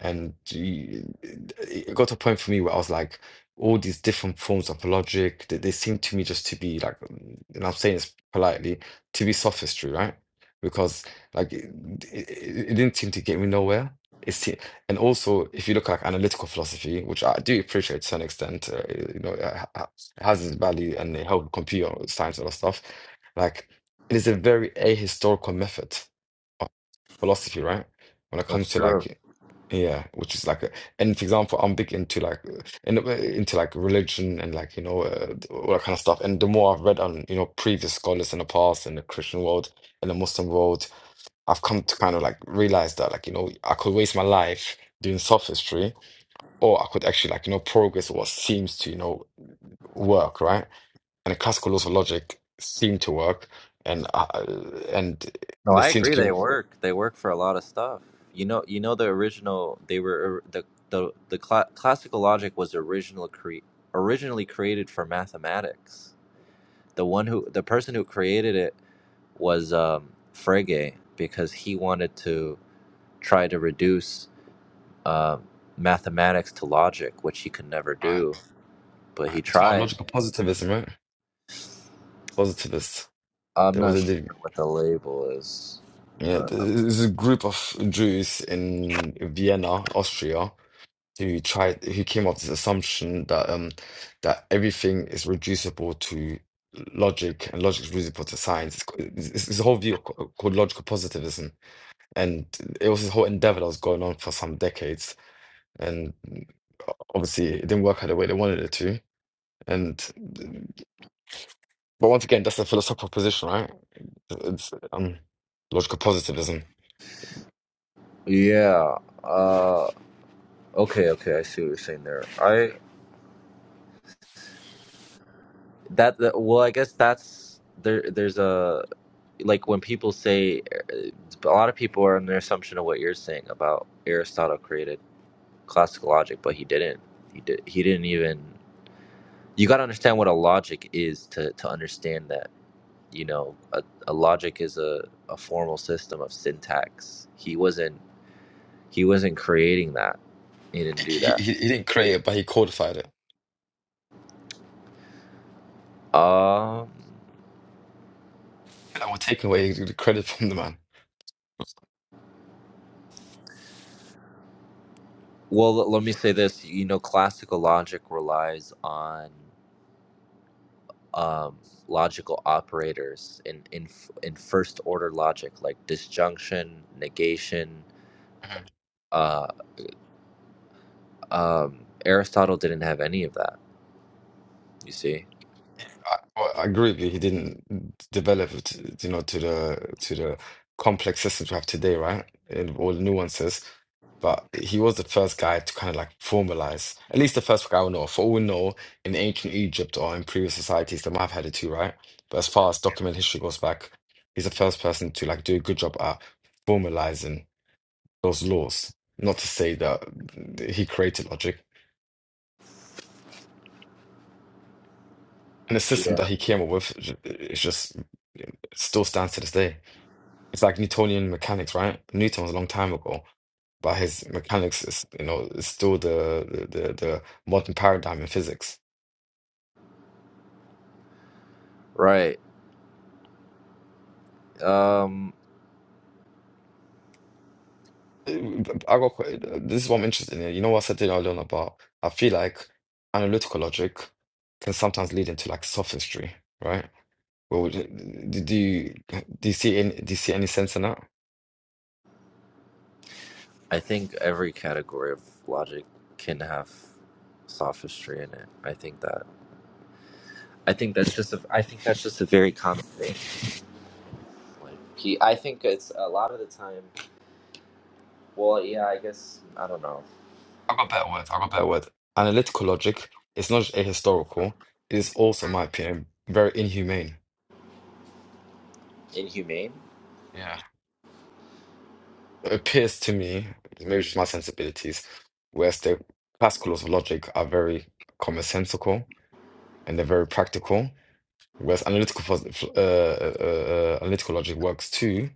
C: And you- it got to a point for me where I was like, all these different forms of logic, they, they seem to me just to be like, mm, and I'm saying this politely, to be sophistry, right? Because like it, it, it it didn't seem to get me nowhere. It's and also if you look at analytical philosophy, which I do appreciate to an extent, uh, you know, it ha- ha- it has its value and it helped computer science and all that stuff. Like it is a very ahistorical method philosophy, right? When it
A: that's
C: comes to
A: true.
C: like, yeah, which is like, a, and for example, I'm big into like, uh, in, into like religion and like, you know, uh, all that kind of stuff. And the more I've read on, you know, previous scholars in the past in the Christian world in the Muslim world, I've come to kind of like realize that like, you know, I could waste my life doing sophistry or I could actually like, you know, progress what seems to, you know, work, right? And the classical laws of logic seem to work and, uh, and
A: No,
C: they
A: I
C: seem to
A: agree. They
C: give,
A: work. They work for a lot of stuff. You know, you know the original. They were the the the cla classical logic was original cre- originally created for mathematics. The one who the person who created it was um, Frege because he wanted to try to reduce um mathematics to logic, which he could never do. But
C: Right,
A: he
C: You're talking about
A: tried
C: logical positivism, right? Positivists.
A: I'm
C: There was
A: not
C: a
A: sure
C: div-
A: what the label is. I'm
C: yeah,
A: not- I'm-
C: there's a group of Jews in Vienna, Austria, who tried who came up with this assumption that um that everything is reducible to logic and logic is reducible to science. It's, ca- it's, it's this whole view ca- called logical positivism, and it was this whole endeavor that was going on for some decades, and uh, obviously it didn't work out the way they wanted it to. And but once again, that's a philosophical position, right? It's um, logical positivism.
A: yeah. Uh. Okay. Okay. I see what you're saying there. I that, that well, I guess that's there. There's a like when people say uh, a lot of people are in the assumption of what you're saying about Aristotle created classical logic, but he didn't. He did. He didn't even. You got to understand what a logic is to to understand that. You know, a, a logic is a a formal system of syntax. He wasn't. He wasn't creating that He didn't do
C: He, he,
A: that.
C: he didn't create it, but he codified it.
A: Um,
C: And I will take away the credit from the man.
A: well, let let me say this. You know, classical logic relies on um, logical operators in, in f- in first order logic, like disjunction, negation.
C: Mhm.
A: Uh, um, Aristotle didn't have any of that. You see?
C: I, well, I agree with you. He didn't develop it, you know, to the to the complex systems we have today, right? And all the nuances. But he was the first guy to kind of like formalize, at least the first guy I know. For all we know, in ancient Egypt or in previous societies, they might have had it too, right? But as far as document history goes back, he's the first person to like do a good job at formalizing those laws. Not to say that he created logic. And the system that
A: Yeah.
C: he came up with j- is just it still stands to this day. It's like Newtonian mechanics, right? Newton was a long time ago, but his mechanics is, you know, is still the the the the modern paradigm in physics.
A: Right. Um,
C: I got quite, this is what I'm interested in. You know what I said earlier on about I feel like analytical logic can sometimes lead into like sophistry, right? Well, do do you do you see any do you see any sense in that?
A: I think every category of logic can have sophistry in it. I think that. I think that's just a. I think that's just a very common thing. Like he, I think it's a lot of the time. Well, yeah, I guess I don't know.
C: I got a better word. I got a better word. Analytical logic. is not just ahistorical. It is also, in my opinion, very inhumane.
A: Inhumane.
C: Yeah. It appears to me, maybe just my sensibilities, whereas the classical laws of logic are very commonsensical and they're very practical, whereas analytical phos- uh, uh, uh, uh, analytical logic works too,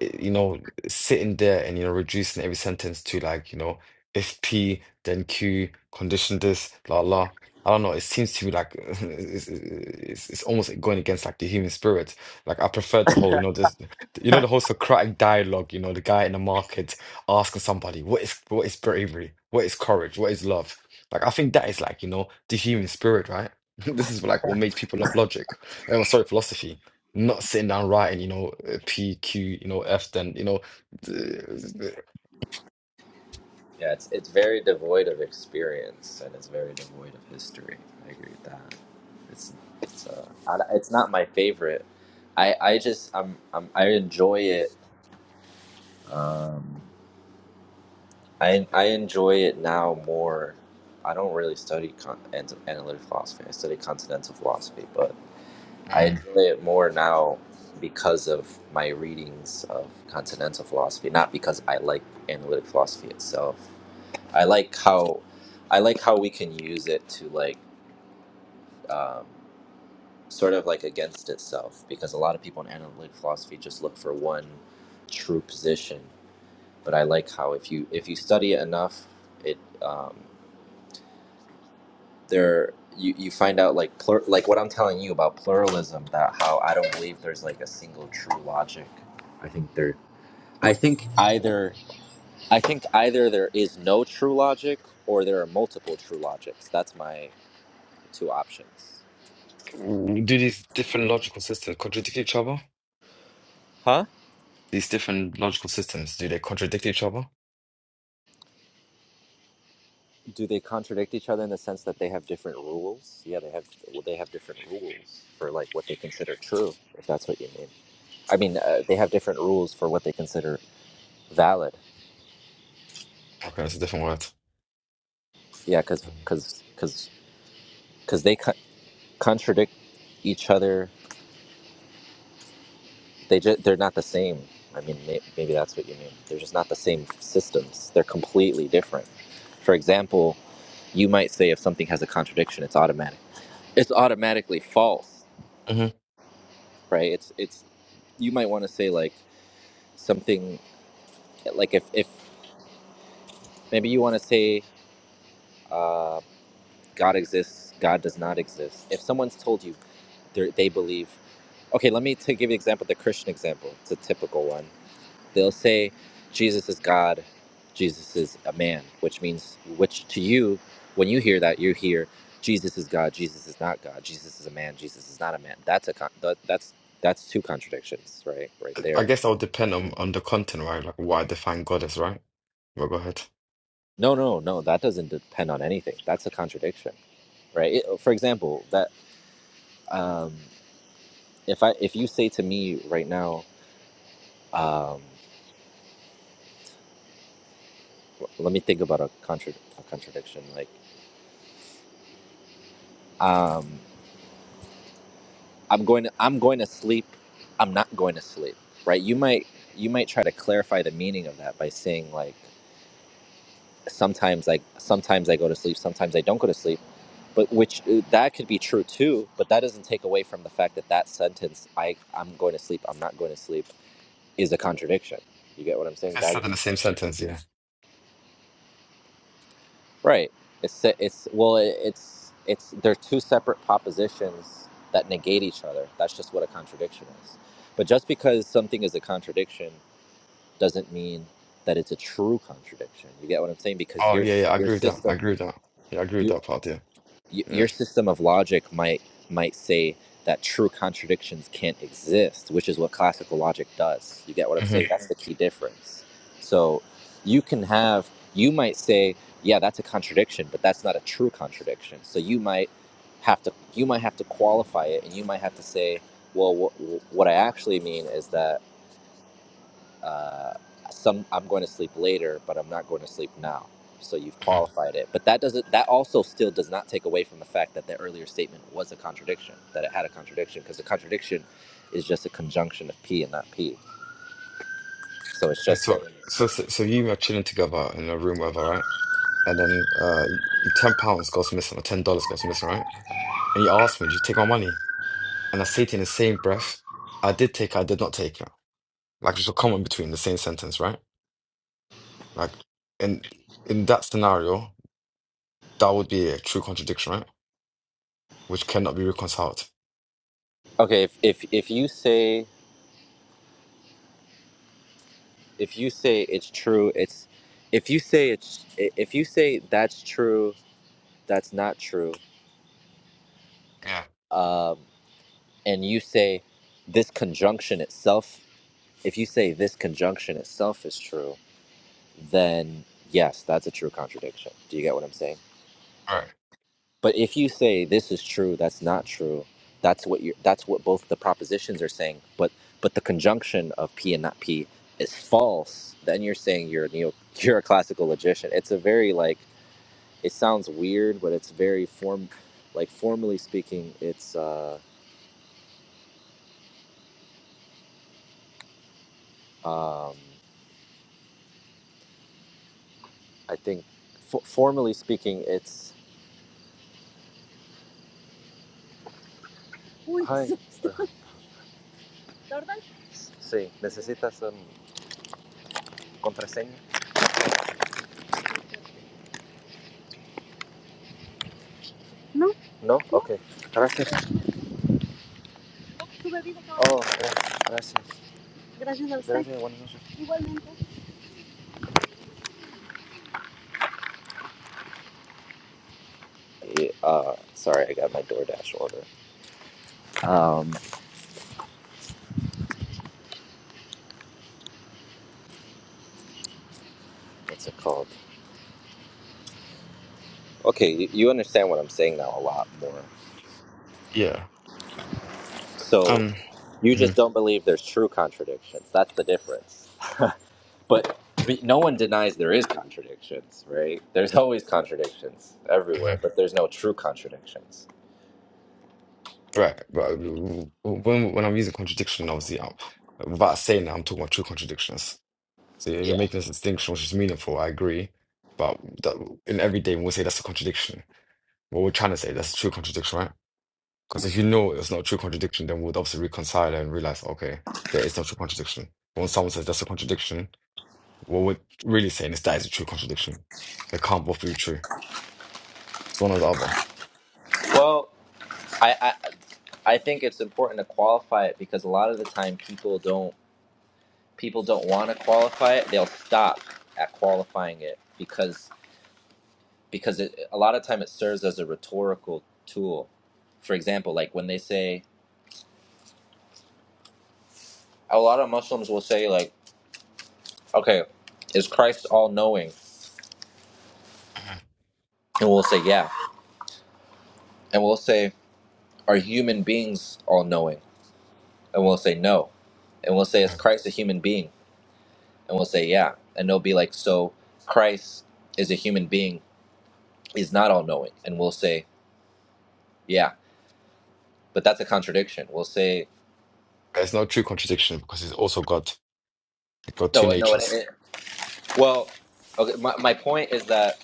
C: you know, sitting there and, you know, reducing every sentence to like, you know, if P, then Q, condition this, la la. I don't know. It seems to me like it's, it's, it's almost like going against like the human spirit. Like I prefer the whole, you know, this, you know, the whole Socratic dialogue. You know, the guy in the market asking somebody, "What is what is bravery? What is courage? What is love?" Like I think that is like you know the human spirit, right? This is like what makes people love logic. Oh, sorry, philosophy not sitting down writing, you know, uh, P, Q, you know, F, then, you know, th- th-
A: Yeah, it's it's very devoid of experience and it's very devoid of history. I agree with that. It's it's uh, I, it's not my favorite. I I just um I'm, I enjoy it. Um, I I enjoy it now more. I don't really study con- an- analytic philosophy. I study continental philosophy, but I
C: Mm.
A: enjoy it more now because of my readings of continental philosophy, not because I like analytic philosophy itself. I like how I like how we can use it to like um, sort of like against itself because a lot of people in analytic philosophy just look for one true position. But I like how if you if you study it enough, it um, there you, you find out like plur- like what I'm telling you about pluralism that how I don't believe there's like a single true logic. I think there I think either I think either there is no true logic or there are multiple true logics. That's my two options.
C: w- do these different logical systems contradict each other?
A: Huh?
C: These different logical systems, do they contradict each other?
A: Do they contradict each other in the sense that they have different rules? Yeah, they have well, they have different rules for like what they consider true, if that's what you mean. I mean, uh, they have different rules for what they consider valid.
C: Okay, that's a different word.
A: Yeah, cuz cuz cuz because they contradict each other. They just they're not the same. I mean, may- maybe that's what you mean. They're just not the same systems. They're completely different. For example, you might say if something has a contradiction, it's automatic. It's automatically false,
C: hmm
A: right? It's it's you might want to say like something like if if maybe you want to say uh, God exists, God does not exist. If someone's told you they're- they believe, okay, let me to give you an example, the Christian example. It's a typical one They'll say Jesus is God, Jesus is a man, which means, which to you, when you hear that, you hear Jesus is God, Jesus is not God, Jesus is a man, Jesus is not a man. That's a con- that, that's that's two contradictions, right? Right
C: I
A: there.
C: guess that would depend on, on the content, right? Like what I define God as, right? Well, go ahead.
A: No, no, no. That doesn't depend on anything. That's a contradiction right? It- for example, that um, if I if you say to me right now, um, let me think about a, contra- a contradiction. Like, um, I'm going to I'm going to sleep. I'm not going to sleep. Right? You might you might try to clarify the meaning of that by saying like sometimes I sometimes I go to sleep, sometimes I don't go to sleep. But which uh, that could be true too, but that doesn't take away from the fact that that sentence I I'm going to sleep, I'm not going to sleep is a contradiction. You get what I'm
C: If
A: saying?
C: it's
A: That
C: said in the same sentence, yeah.
A: right. It's it's well it's it's they're two separate propositions that negate each other. That's just what a contradiction is. But just because something is a contradiction doesn't mean that it's a true contradiction. You get what I'm saying? Because
C: Oh,
A: your
C: yeah, yeah, I
A: your
C: agree with that. I
A: system
C: agree with that. Yeah, I agree with
A: your
C: that part, yeah. Yeah.
A: your system of logic might might say that true contradictions can't exist, which is what classical logic does. You get what I'm
C: hmm
A: saying? That's the key difference. So you can have you might say, yeah, that's a contradiction, but that's not a true contradiction. So you might have to you might have to qualify it, and you might have to say, well, wh- what I actually mean is that uh, some I'm going to sleep later, but I'm not going to sleep now. So you've qualified it, but that doesn't. That also still does not take away from the fact that the earlier statement was a contradiction. That it had a contradiction because the contradiction is just a conjunction of p and not p. So it's
C: Okay,
A: just saying,
C: so, so, so so you are chilling together in a room, whatever, right? and then uh y- ten pounds goes missing or ten dollars goes missing, right? And you ask me, did you take my money? And I say to you in the same breath, I did take it, I did not take it. Like there's a comma in between the same sentence, right? Like in in that scenario, that would be a true contradiction, right? Which cannot be reconciled.
A: okay, if if, if you say if you say it's true, it's if you say it's if you say that's true, that's not true,
C: Yeah.
A: um, and you say this conjunction itself If you say this conjunction itself is true, then yes, that's a true contradiction. Do you get what I'm saying?
C: All right.
A: But if you say this is true, that's not true, that's what you that's what both the propositions are saying, but but the conjunction of P and not P is false, then you're saying you're a neo you're a classical logician. It's a very like it sounds weird, but it's very form like formally speaking, it's uh um I think f- formally speaking, it's Hi. uh, Sí, ¿necesitas um, contraseña? No. ¿No? Ok, gracias. Su bebida, Oh, gracias. Gracias a usted. Gracias, buenas noches. Igualmente. Yeah, uh, sorry, I got my DoorDash order. Um, what's it called? Okay, you, you understand what I'm saying now a lot more.
C: Yeah.
A: So
C: Um
A: you just
C: mhm,
A: don't believe there's true contradictions. That's the difference. but be- no one denies there is contradictions, right? There's always contradictions everywhere,
C: mhm.
A: but there's no true contradictions.
C: Right, but when when I'm using contradiction, obviously, I'm, without saying that, I'm talking about true contradictions. So you're, you're
A: Yeah.
C: making this distinction, which is meaningful. I agree, but that, in everyday we'll say that's a contradiction. What we're trying to say that's a true contradiction, right? Because if you know it's not a true contradiction, then we'd obviously reconcile and realize, okay, there is no true contradiction. When someone says that's a contradiction, what we're really saying is that is a true contradiction. They can't both be true. It's one or the other.
A: Well, I, I think it's important to qualify it because a lot of the time people don't people don't want to qualify it. They'll stop at qualifying it because because it, a lot of time it serves as a rhetorical tool. For example, like when they say a lot of Muslims will say like, "Okay, is Christ all knowing?" And we'll say, "Yeah." And we'll say, "Are human beings all knowing?" And we'll say, "No." And we'll say, "Is
C: Yeah.
A: Christ a human being?" And we'll say, "Yeah." And they'll be like, "So Christ is a human being is not all knowing, and we'll say, yeah, but that's a contradiction. We'll say,
C: There's no true contradiction because it's also got got two
A: no, no, it,
C: natures.
A: it, well, okay, my, my point is that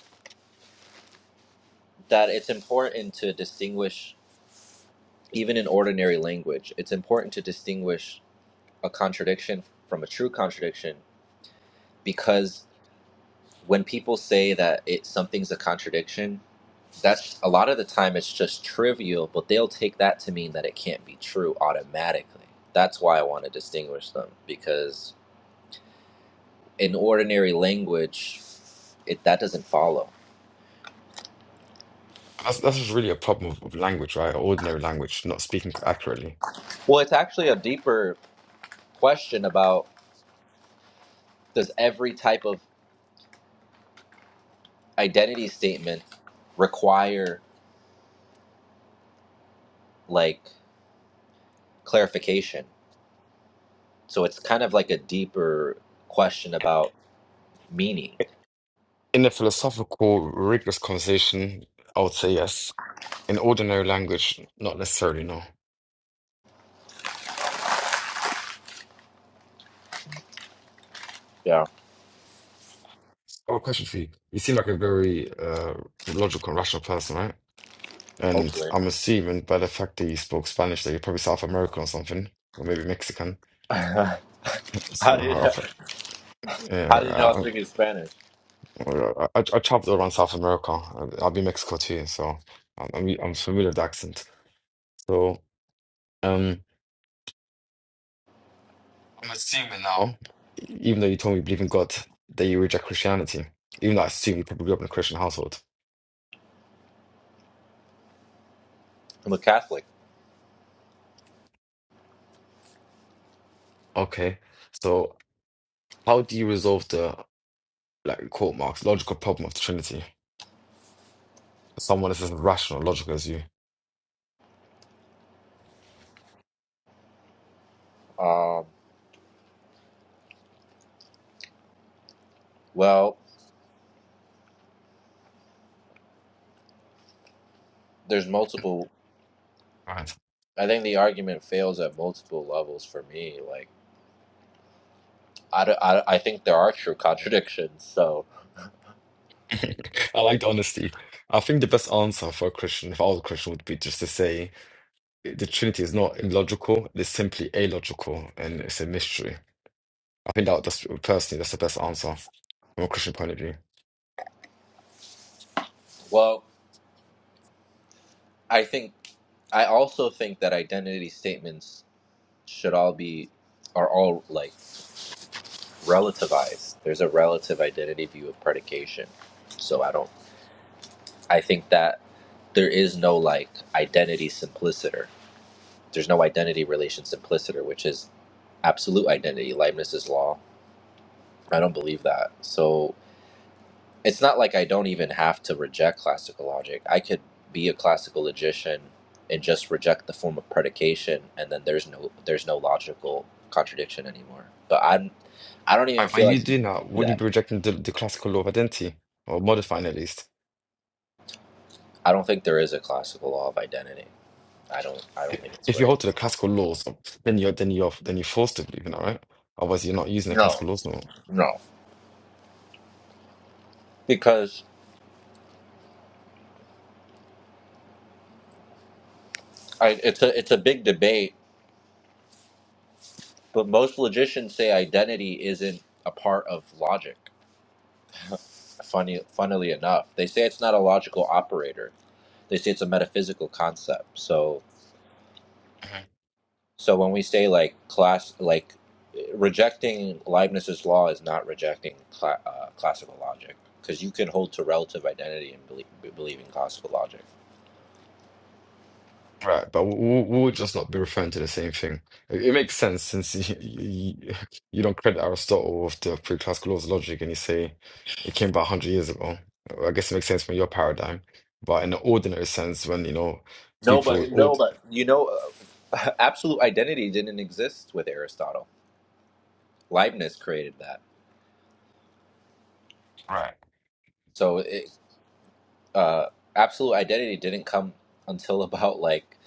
A: that it's important to distinguish, even in ordinary language, it's important to distinguish a contradiction from a true contradiction because when people say that it something's a contradiction, that's a lot of the time it's just trivial, but they'll take that to mean that it can't be true automatically. That's why I want to distinguish them because in ordinary language, it that doesn't follow.
C: That's that's just really a problem of, of language, right? Ordinary language, not speaking accurately
A: Well, it's actually a deeper question about does every type of identity statement require like clarification? So it's kind of like a deeper question about meaning.
C: In a philosophical, rigorous conversation, I would say yes. In ordinary language, not necessarily, no.
A: Yeah,
C: Oh, question for you. You seem like a very uh, logical and rational person, right? And
A: hopefully.
C: I'm assuming by the fact that you spoke Spanish that you're probably South American or something, or maybe Mexican.
A: how
C: So,
A: do you
C: uh,
A: how do you know I
C: yeah,
A: speak in Spanish?
C: I, I, I traveled around South America. I'll be Mexico too, so I'm, I'm I'm familiar with the accent. So. um. I'm assuming now, even though you told me you believe in God, that you reject Christianity. Even though I assume you probably grew up in a Christian household.
A: I'm a Catholic.
C: Okay. So how do you resolve the like quote marks logical problem of the Trinity? Someone is as rational, logical as you.
A: Um, well, there's multiple.
C: Right.
A: I think the argument fails at multiple levels for me. Like I, I, I think there are true contradictions. So,
C: I like the honesty. I think the best answer for a Christian, if I was a Christian, would be just to say the Trinity is not illogical, it's simply illogical, and it's a mystery. I think that that's personally that's the best answer from a Christian point of view.
A: well, I think I also think that identity statements should all be are all like relativized. There's a relative identity view of predication. So I don't I think that there is no like identity simpliciter. There's no identity relation simpliciter, which is absolute identity, Leibniz's law. I don't believe that. So it's not like I don't even have to reject classical logic. I could be a classical logician and just reject the form of predication, and then there's no there's no logical contradiction anymore. But I'm I don't even
C: Right, By
A: feel
C: you
A: like you
C: doing
A: can
C: that,
A: do
C: wouldn't you
A: that.
C: be rejecting the, the classical law of identity or modifying at least?
A: I don't think there is a classical law of identity. I don't I
C: I-
A: don't think it's
C: If you
A: right.
C: hold to the classical laws, then you're then you're then you're forced to believe in that, right? Otherwise, you're not using the
A: No,
C: classical laws no more.
A: no, because I, it's a it's a big debate. But most logicians say identity isn't a part of logic. Funny, funnily enough, they say it's not a logical operator they say it's a metaphysical concept. So so when we say like class like rejecting Leibniz's law is not rejecting cla uh, classical logic because you can hold to relative identity and believe, believe in classical logic.
C: Right, but we, we we would just not be referring to the same thing. It, it makes sense since you, you, you don't credit Aristotle with the pre-classical laws of logic, and you say it came about 100 years ago. I guess it makes sense from your paradigm, but in the ordinary sense, when you know
A: No,
C: people,
A: but no,
C: would-
A: but you know, uh, absolute identity didn't exist with Aristotle. Leibniz created that.
C: right?
A: So it, uh, absolute identity didn't come until about like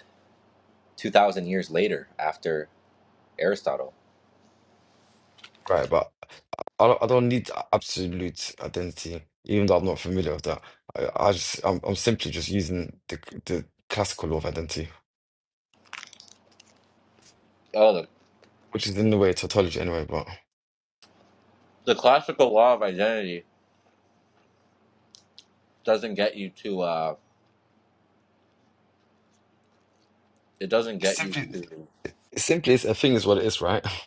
A: two thousand years later after Aristotle.
C: Right, but I don't, I don't need absolute identity, even though I'm not familiar with that. I, I just I'm, I'm simply just using the the classical law of identity,
A: Oh, the,
C: which is in a way tautology anyway. But
A: the classical law of identity doesn't get you to uh it doesn't
C: it's
A: get you
C: simply
A: to
C: it's simply is a thing is what it is, right?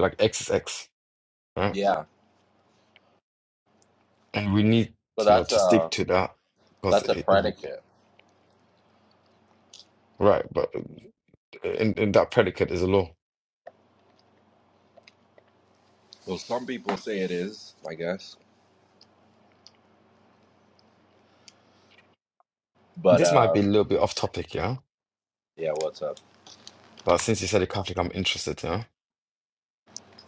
C: Like X is X, right?
A: yeah
C: And we need
A: but
C: you know
A: that's
C: to stick
A: a
C: to that because
A: that's a
C: it, it-
A: predicate
C: right. But in, in that predicate is a law.
A: well some people say it is i guess but
C: This might
A: uh
C: be a little bit off topic, yeah.
A: yeah what's up
C: But since you said a Catholic, I'm interested. Yeah.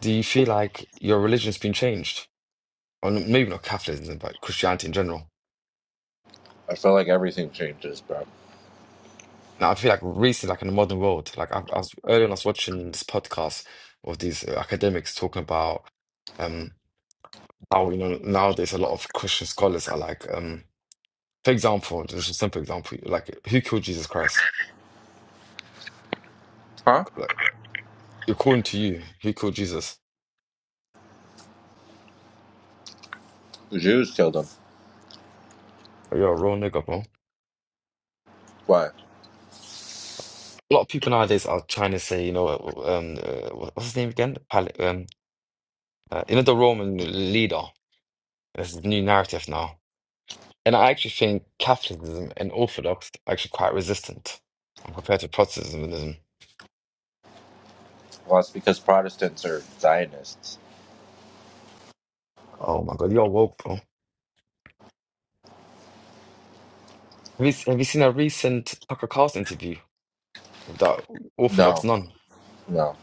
C: Do you feel like your religion's been changed? or maybe not capitalism, but Christianity in general.
A: i feel like everything changes bro
C: Now, I feel like recently, like in the modern world, like I, I was earlier, on, I was watching this podcast of these uh, academics talking about um how you know nowadays a lot of Christian scholars are like, um, for example, just a simple example, like who killed Jesus Christ?
A: huh
C: Like according to you, who killed Jesus?
A: the jews killed him
C: You're a real nigga, bro.
A: why
C: A lot of people nowadays are trying to say, you know, um, uh, what's his name again? Pal um, uh, you know, the Roman leader. There's a new narrative now And I actually think Catholicism and Orthodox are actually quite resistant um, compared to Protestantism.
A: well it's because protestants are zionists
C: Oh my God, you're woke, bro. Have you, have you seen a recent Tucker Carlson interview with that Orthodox
A: no
C: nun?
A: no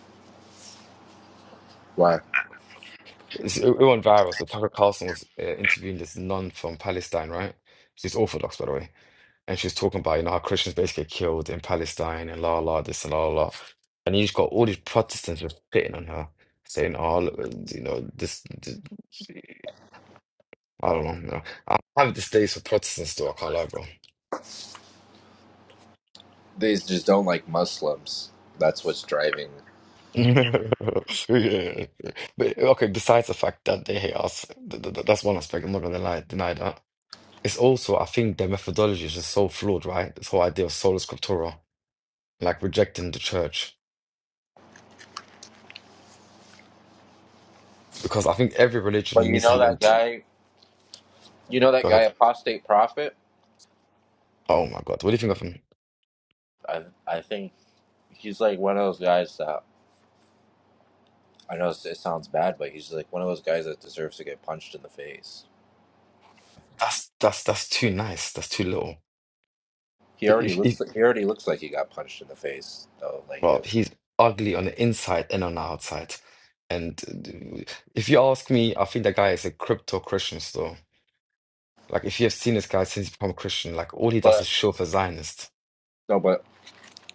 A: why
C: It's, it, it went viral. So Tucker Carlson was uh, interviewing this nun from Palestine, right? She's Orthodox, by the way. And she's talking about, you know, how Christians basically get killed in Palestine and la la this and la la. And you just got all these Protestants just spitting on her, saying, oh, look, you know, this, this. Alalım ya. Abi this days of Protestants do are all over.
A: they just don't like muslims that's what's driving
C: Yeah. But, okay, besides the fact that they hate us, th th th- that's one aspect. I'm not gonna lie, deny that. It's also, I think their methodology is just so flawed, right? This whole idea of sola scriptura, like rejecting the church, because I think every
A: but
C: religion
A: you
C: needs to
A: know
C: have
A: that
C: it.
A: guy you know
C: Go
A: that guy
C: ahead.
A: apostate prophet
C: Oh my God, what do you think of him?
A: i i think he's like one of those guys that I know it sounds bad, but he's like one of those guys that deserves to get punched in the face.
C: That's that's that's too nice. That's too little.
A: He already looks like, he already looks like he got punched in the face though, like he
C: Well,
A: has.
C: he's ugly on the inside and on the outside. And uh, if you ask me, I think that guy is a crypto Christian still. Like, if you have seen this guy since he become a Christian, like, all he does is
A: But
C: show for Zionist.
A: no, but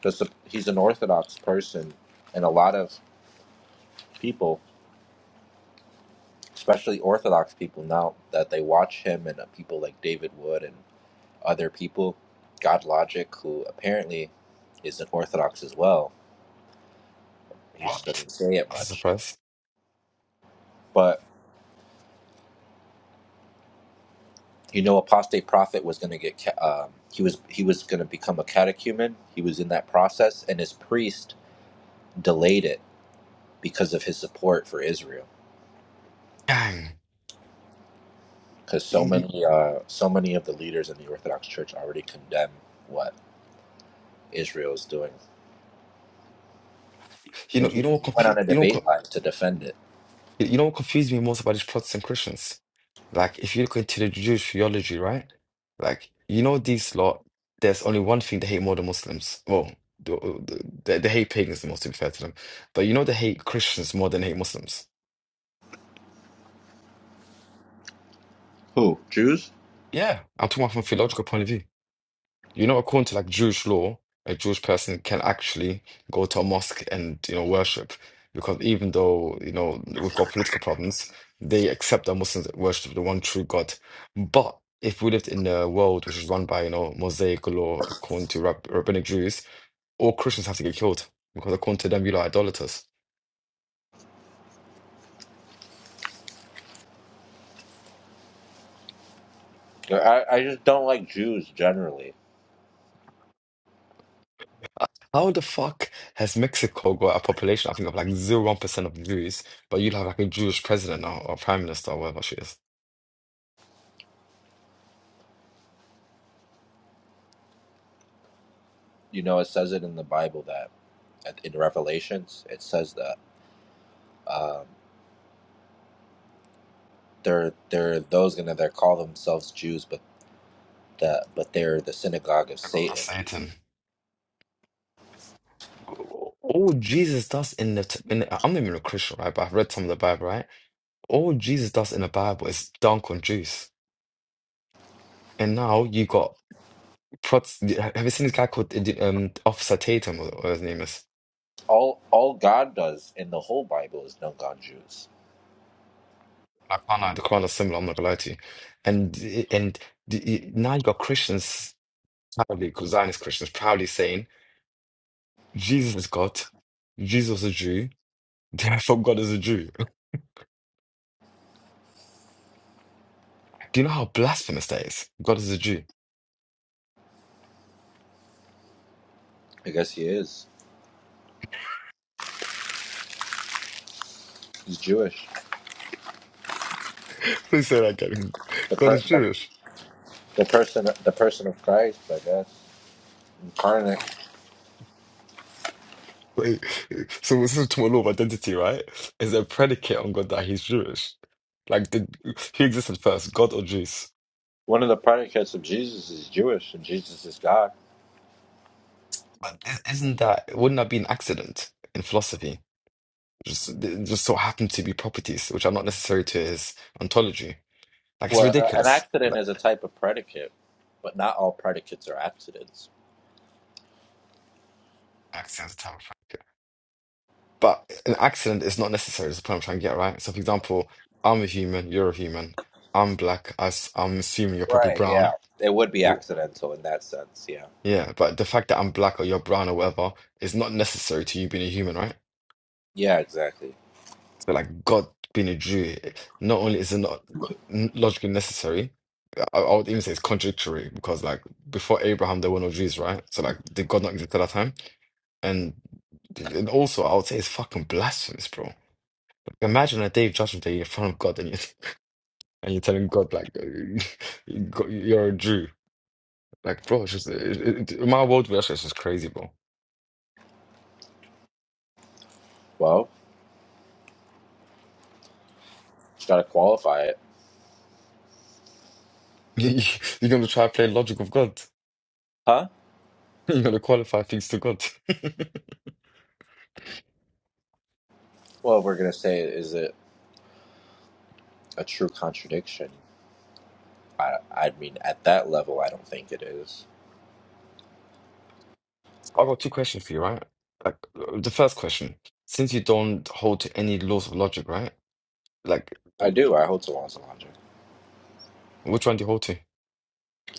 A: the, sup- he's an Orthodox person, and a lot of people, especially Orthodox people, now that they watch him and uh, people like David Wood and other people, God Logic, who apparently is an Orthodox as well. He just
C: What?
A: doesn't say it
C: I was
A: much,
C: surprised.
A: but you know apostate prophet was going to get ca- um, he was he was going to become a catechumen he was in that process and his priest delayed it because of his support for israel
C: Dang.
A: because so
C: You,
A: many uh so many of the leaders in the orthodox church already condemn what israel is doing
C: you know,
A: and he
C: you know
A: he
C: what
A: went
C: confu-
A: on a
C: you know, what
A: debate
C: co-
A: live to defend it
C: you know what confused me most about these Protestant Christians? Like, if you look into the Jewish theology, right? Like, you know, these lot, there's only one thing they hate more than Muslims. Well, th- th- they, they hate pagans the most, to be fair to them. But you know, they hate Christians more than they hate Muslims.
A: who jews
C: Yeah, I'm talking about from a theological point of view. You know, according to like Jewish law, a Jewish person can actually go to a mosque and, you know, worship. Because even though, you know, we've got political problems, they accept that Muslims worship the one true God. But if we lived in a world which is run by, you know, Mosaic law, according to Rab rabbinic Jews, all Christians have to get killed because according to them, you are idolaters.
A: I, I just don't like jews generally
C: How the fuck has Mexico got a population, I think, of like zero one percent of Jews, but you have like a Jewish president now or prime minister or whatever she is?
A: you know it says it in the bible that in revelations it says that um they're they're those gonna they call themselves Jews, but that but they're the synagogue of
C: I got
A: Satan.
C: Satan. All Jesus does in the, t- in the, I'm not even a Christian, right? But I've read some of the Bible, right? All Jesus does in the Bible is dunk on Jews. And now you got Prots. Have you seen this guy called uh, the, um, Officer Tatum, or, or his name is?
A: All all God does in the whole Bible is dunk on Jews.
C: I can't know. The Quran is similar. I'm not gonna lie to you. And and the, you- now you got Christians proudly, Zionist Christians proudly saying Jesus is God, Jesus was a Jew, therefore God is a Jew. Do you know how blasphemous that is? God is a Jew.
A: I guess he is. He's Jewish.
C: Please say that again.
A: The
C: God
A: per,
C: is
A: the,
C: Jewish.
A: the person the person of Christ, I guess, incarnate.
C: Like, so this is talking about law of identity, right? Is a predicate on God that he's Jewish? Like, did who existed first, God or Jews?
A: One of the predicates of Jesus is Jewish, and Jesus is God.
C: But i- isn't that wouldn't that be an accident in philosophy? Just it just so happen to be properties which are not necessary to his ontology. Like it's
A: Well, a- an
C: ridiculous.
A: accident
C: Like
A: is a type of predicate, but not all predicates are accidents.
C: accidents are terrible. But an accident is not necessary. Is the point I'm trying to get right. So, for example, I'm a human. You're a human. I'm black. I, am assuming you're probably
A: Right? Yeah,
C: brown.
A: it would be accidental in that sense. Yeah.
C: Yeah, but the fact that I'm black or you're brown or whatever is not necessary to you being a human, right?
A: Yeah. Exactly.
C: So, like God being a Jew, not only is it not n- logically necessary, I, I would even say it's contradictory because, like, before Abraham, there were no Jews, right? So, like, did God not exist at that time? And and also, I would say it's fucking blasphemous, bro. Like, imagine a day of judgment day in front of God and you and you're telling God, like, God, you're a Jew. Like, bro, it's just, it, it, it- my worldview, that's just crazy, bro.
A: Well, you got to qualify it,
C: You're gonna try to play logic with God.
A: huh?
C: You're going to qualify things to God. i
A: Well, we're gonna say, is it? a true contradiction. I, I mean, at that level, I don't think it is.
C: got two questions for you, right? Like uh, the first question, since you don't hold to any laws of logic, right? Like,
A: I
C: like,
A: do. I hold to laws of logic.
C: which one do you hold to?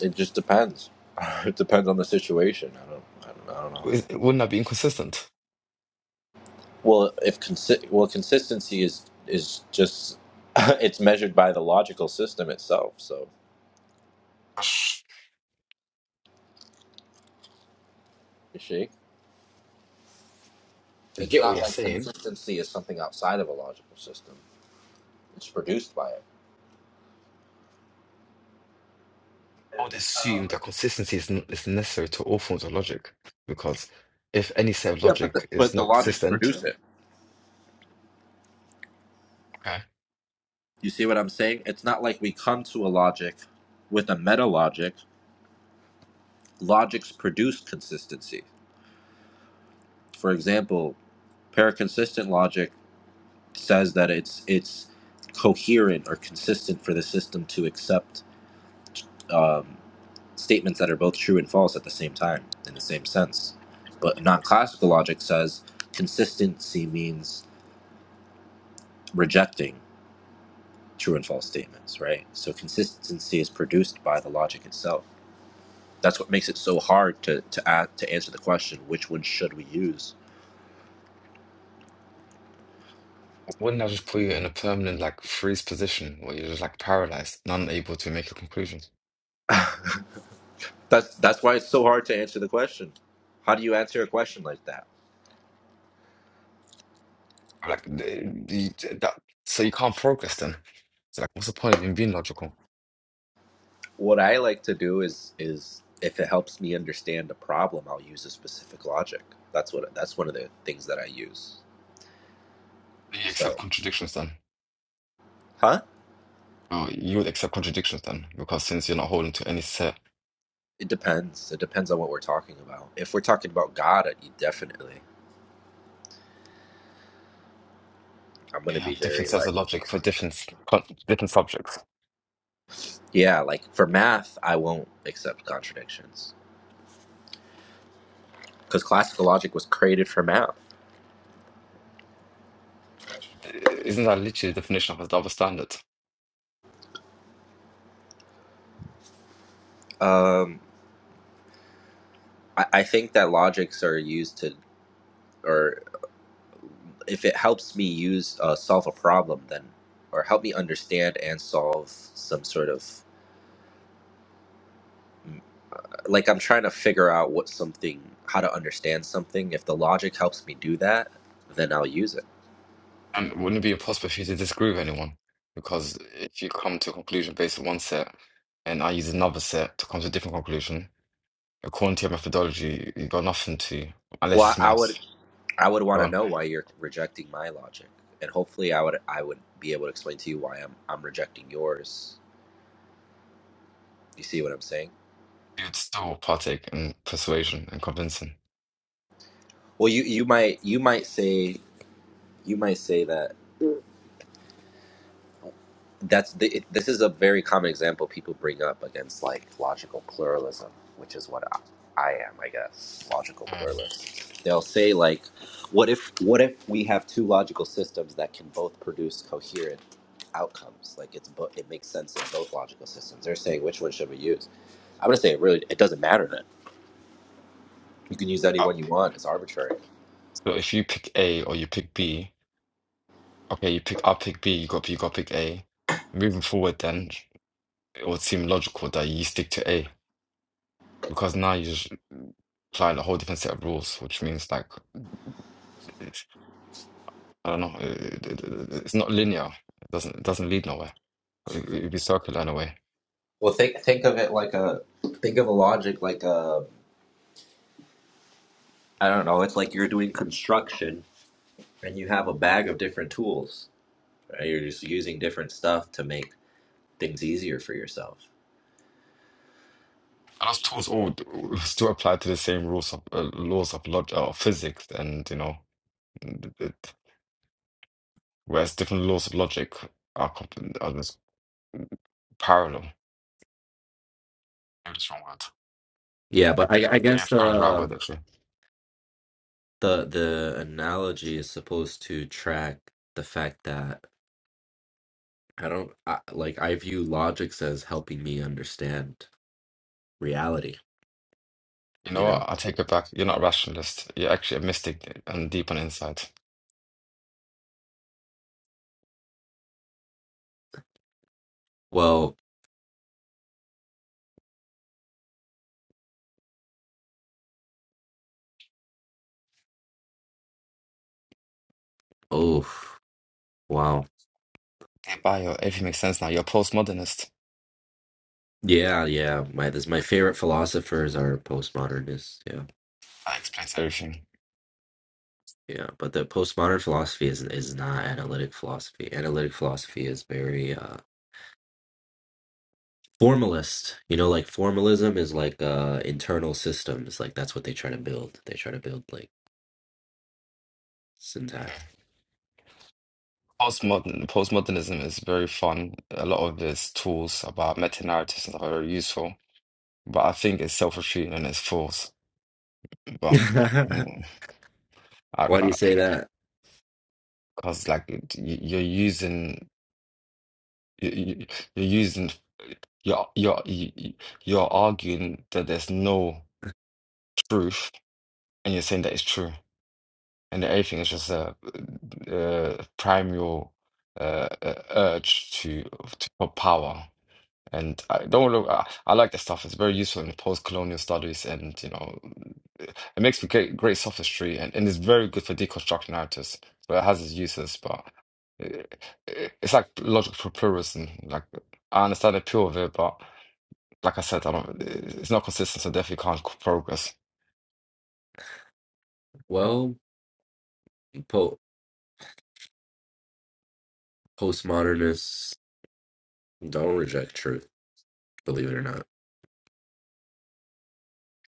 A: It just depends. it depends on the situation. I don't. I don't, I don't know.
C: Is- Wouldn't that be inconsistent?
A: Well, if consi- well, consistency is is just it's measured by the logical system itself. So you see,
C: I
A: it's
C: get what
A: not
C: you're
A: like
C: saying.
A: consistency is something outside of a logical system. It's produced by it.
C: I would assume that consistency is, n- is necessary to all forms of logic because if any set of
A: Yeah, but the,
C: logic is
A: but the
C: not
A: logics
C: consistent,
A: produce it.
C: okay,
A: You see what I'm saying? It's not like we come to a logic with a meta logic logics produce consistency. For example, paraconsistent logic says that it's it's coherent or consistent for the system to accept um, statements that are both true and false at the same time in the same sense. But non-classical logic says consistency means rejecting true and false statements, right? So consistency is produced by the logic itself. That's what makes it so hard to to, add to answer the question, which one should we use?
C: wouldn't that just put you in a permanent like freeze position where you're just like paralyzed and unable to make a conclusion?
A: That's that's why it's so hard to answer the question. How do you answer a question like that?
C: I'm like, the, the, that, so you can't progress then. It's like, what's the point in being logical?
A: What I like to do is is if it helps me understand the problem, I'll use a specific logic. That's what that's one of the things that I use.
C: You accept
A: So,
C: contradictions then.
A: huh?
C: Oh, you would accept contradictions then, because since you're not holding to any set,
A: It depends. It depends on what we're talking about. If we're talking about God, I- definitely, I'm going
C: you
A: to be
C: have different
A: very
C: sets
A: like,
C: of logic for different s- con- different subjects.
A: yeah, like for math, I won't accept contradictions because classical logic was created for math.
C: Isn't that literally the definition of a double standard?
A: Um, I, I think that logics are used to. or. if it helps me use uh, solve a problem then or help me understand and solve some sort of mm, like i'm trying to figure out what something how to understand something if the logic helps me do that then i'll use it
C: And wouldn't it be impossible for you to disagree with anyone? Because if you come to a conclusion based on one set, and I use another set to come to a different conclusion, according to your methodology, you've got nothing to, unless
A: well
C: it's
A: i would
C: maths.
A: i would want
C: Go
A: to
C: on.
A: know why you're rejecting my logic and hopefully i would i would be able to explain to you why i'm i'm rejecting yours you see what i'm saying
C: It's still partake in persuasion and convincing.
A: well you you might you might say you might say that that's the, it, this is a very common example people bring up against like logical pluralism which is what I, I am i guess logical
C: Mm.
A: pluralist they'll say like what if what if we have two logical systems that can both produce coherent outcomes like it's bo- it makes sense in both logical systems they're saying which one should we use i'm going to say it really it doesn't matter then you can use any
C: Uh,
A: one you want it's arbitrary
C: So if you pick A or you pick B, okay, you pick I'll pick B, you got B, you got pick A. Moving forward, then it would seem logical that you stick to A because now you just apply a whole different set of rules, which means like it's, I don't know, it, it- it- it's not linear. It doesn't it doesn't lead nowhere. It, it'd be circular in a way.
A: well think think of it like a think of a logic like a i don't know it's like you're doing construction and you have a bag of different tools right you're just using different stuff to make things easier for yourself
C: And those tools all d- still apply to the same rules of uh, laws of log uh, of physics and you know. whereas different laws of logic are, comp- are just parallel. No, that's the wrong word.
A: Yeah, but I, I
C: Yeah,
A: guess
C: parallel is the right
A: the
C: word, actually.
A: the the analogy is supposed to track the fact that I don't I, like I view logics as helping me understand reality,
C: You know
A: you
C: what?
A: know.
C: I'll take it back. You're not a rationalist. You're actually a mystic and deep on the inside.
A: Well, oh, wow.
C: Yeah, bio, everything makes sense now. You're a postmodernist.
A: Yeah, yeah. My this my favorite philosophers are postmodernists. Yeah.
C: That explains everything.
A: Yeah, but the postmodern philosophy is is not analytic philosophy. Analytic philosophy is very uh formalist you know like formalism is like uh internal systems like that's what they try to build they try to build like syntax
C: Postmodern, postmodernism is very fun. A lot of its tools about meta narratives and stuff are very useful, but I think it's self-refuting and it's false. But
A: why do you
C: because
A: say that
C: like it- you- you're using you- you- you're using You're you're you, you- you're arguing that there's no truth, and you're saying that it's true, and that everything is just a uh, primal uh, uh, urge to, to for power. And I don't know. I, I like that stuff. It's very useful in post-colonial studies, and you know, it makes for great great sophistry, and, and it's very good for deconstructing narratives. But it has its uses. But uh, it, it's like logical pluralism. Like I understand the appeal of it, but like I said, I don't. It's not consistent, so definitely can't c- progress.
A: well po- postmodernists don't reject truth believe it or not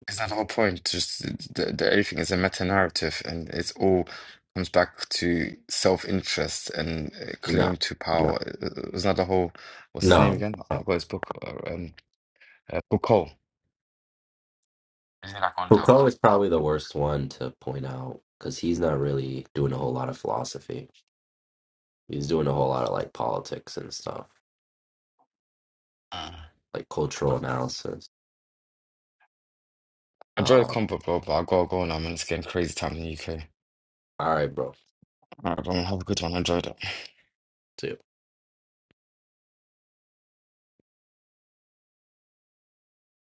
C: Is that the whole point? Just the, the, everything is a meta narrative, and it's all comes back to self interest and uh,
A: no
C: claim to
A: no
C: power. Isn't that the whole? What's his name
A: no
C: again? I
A: no.
C: forgot his book. uh, Um, uh, Foucault. Isn't it like on the?
A: foucault is probably the worst one to point out because he's not really doing a whole lot of philosophy he's doing a whole lot of like politics and stuff
C: Uh,
A: like cultural analysis
C: enjoy the
A: uh,
C: combo, bro. But I gotta go now, man. It's getting crazy time in the UK.
A: all right bro
C: All right, everyone, have a good one. Enjoy it.
A: See ya.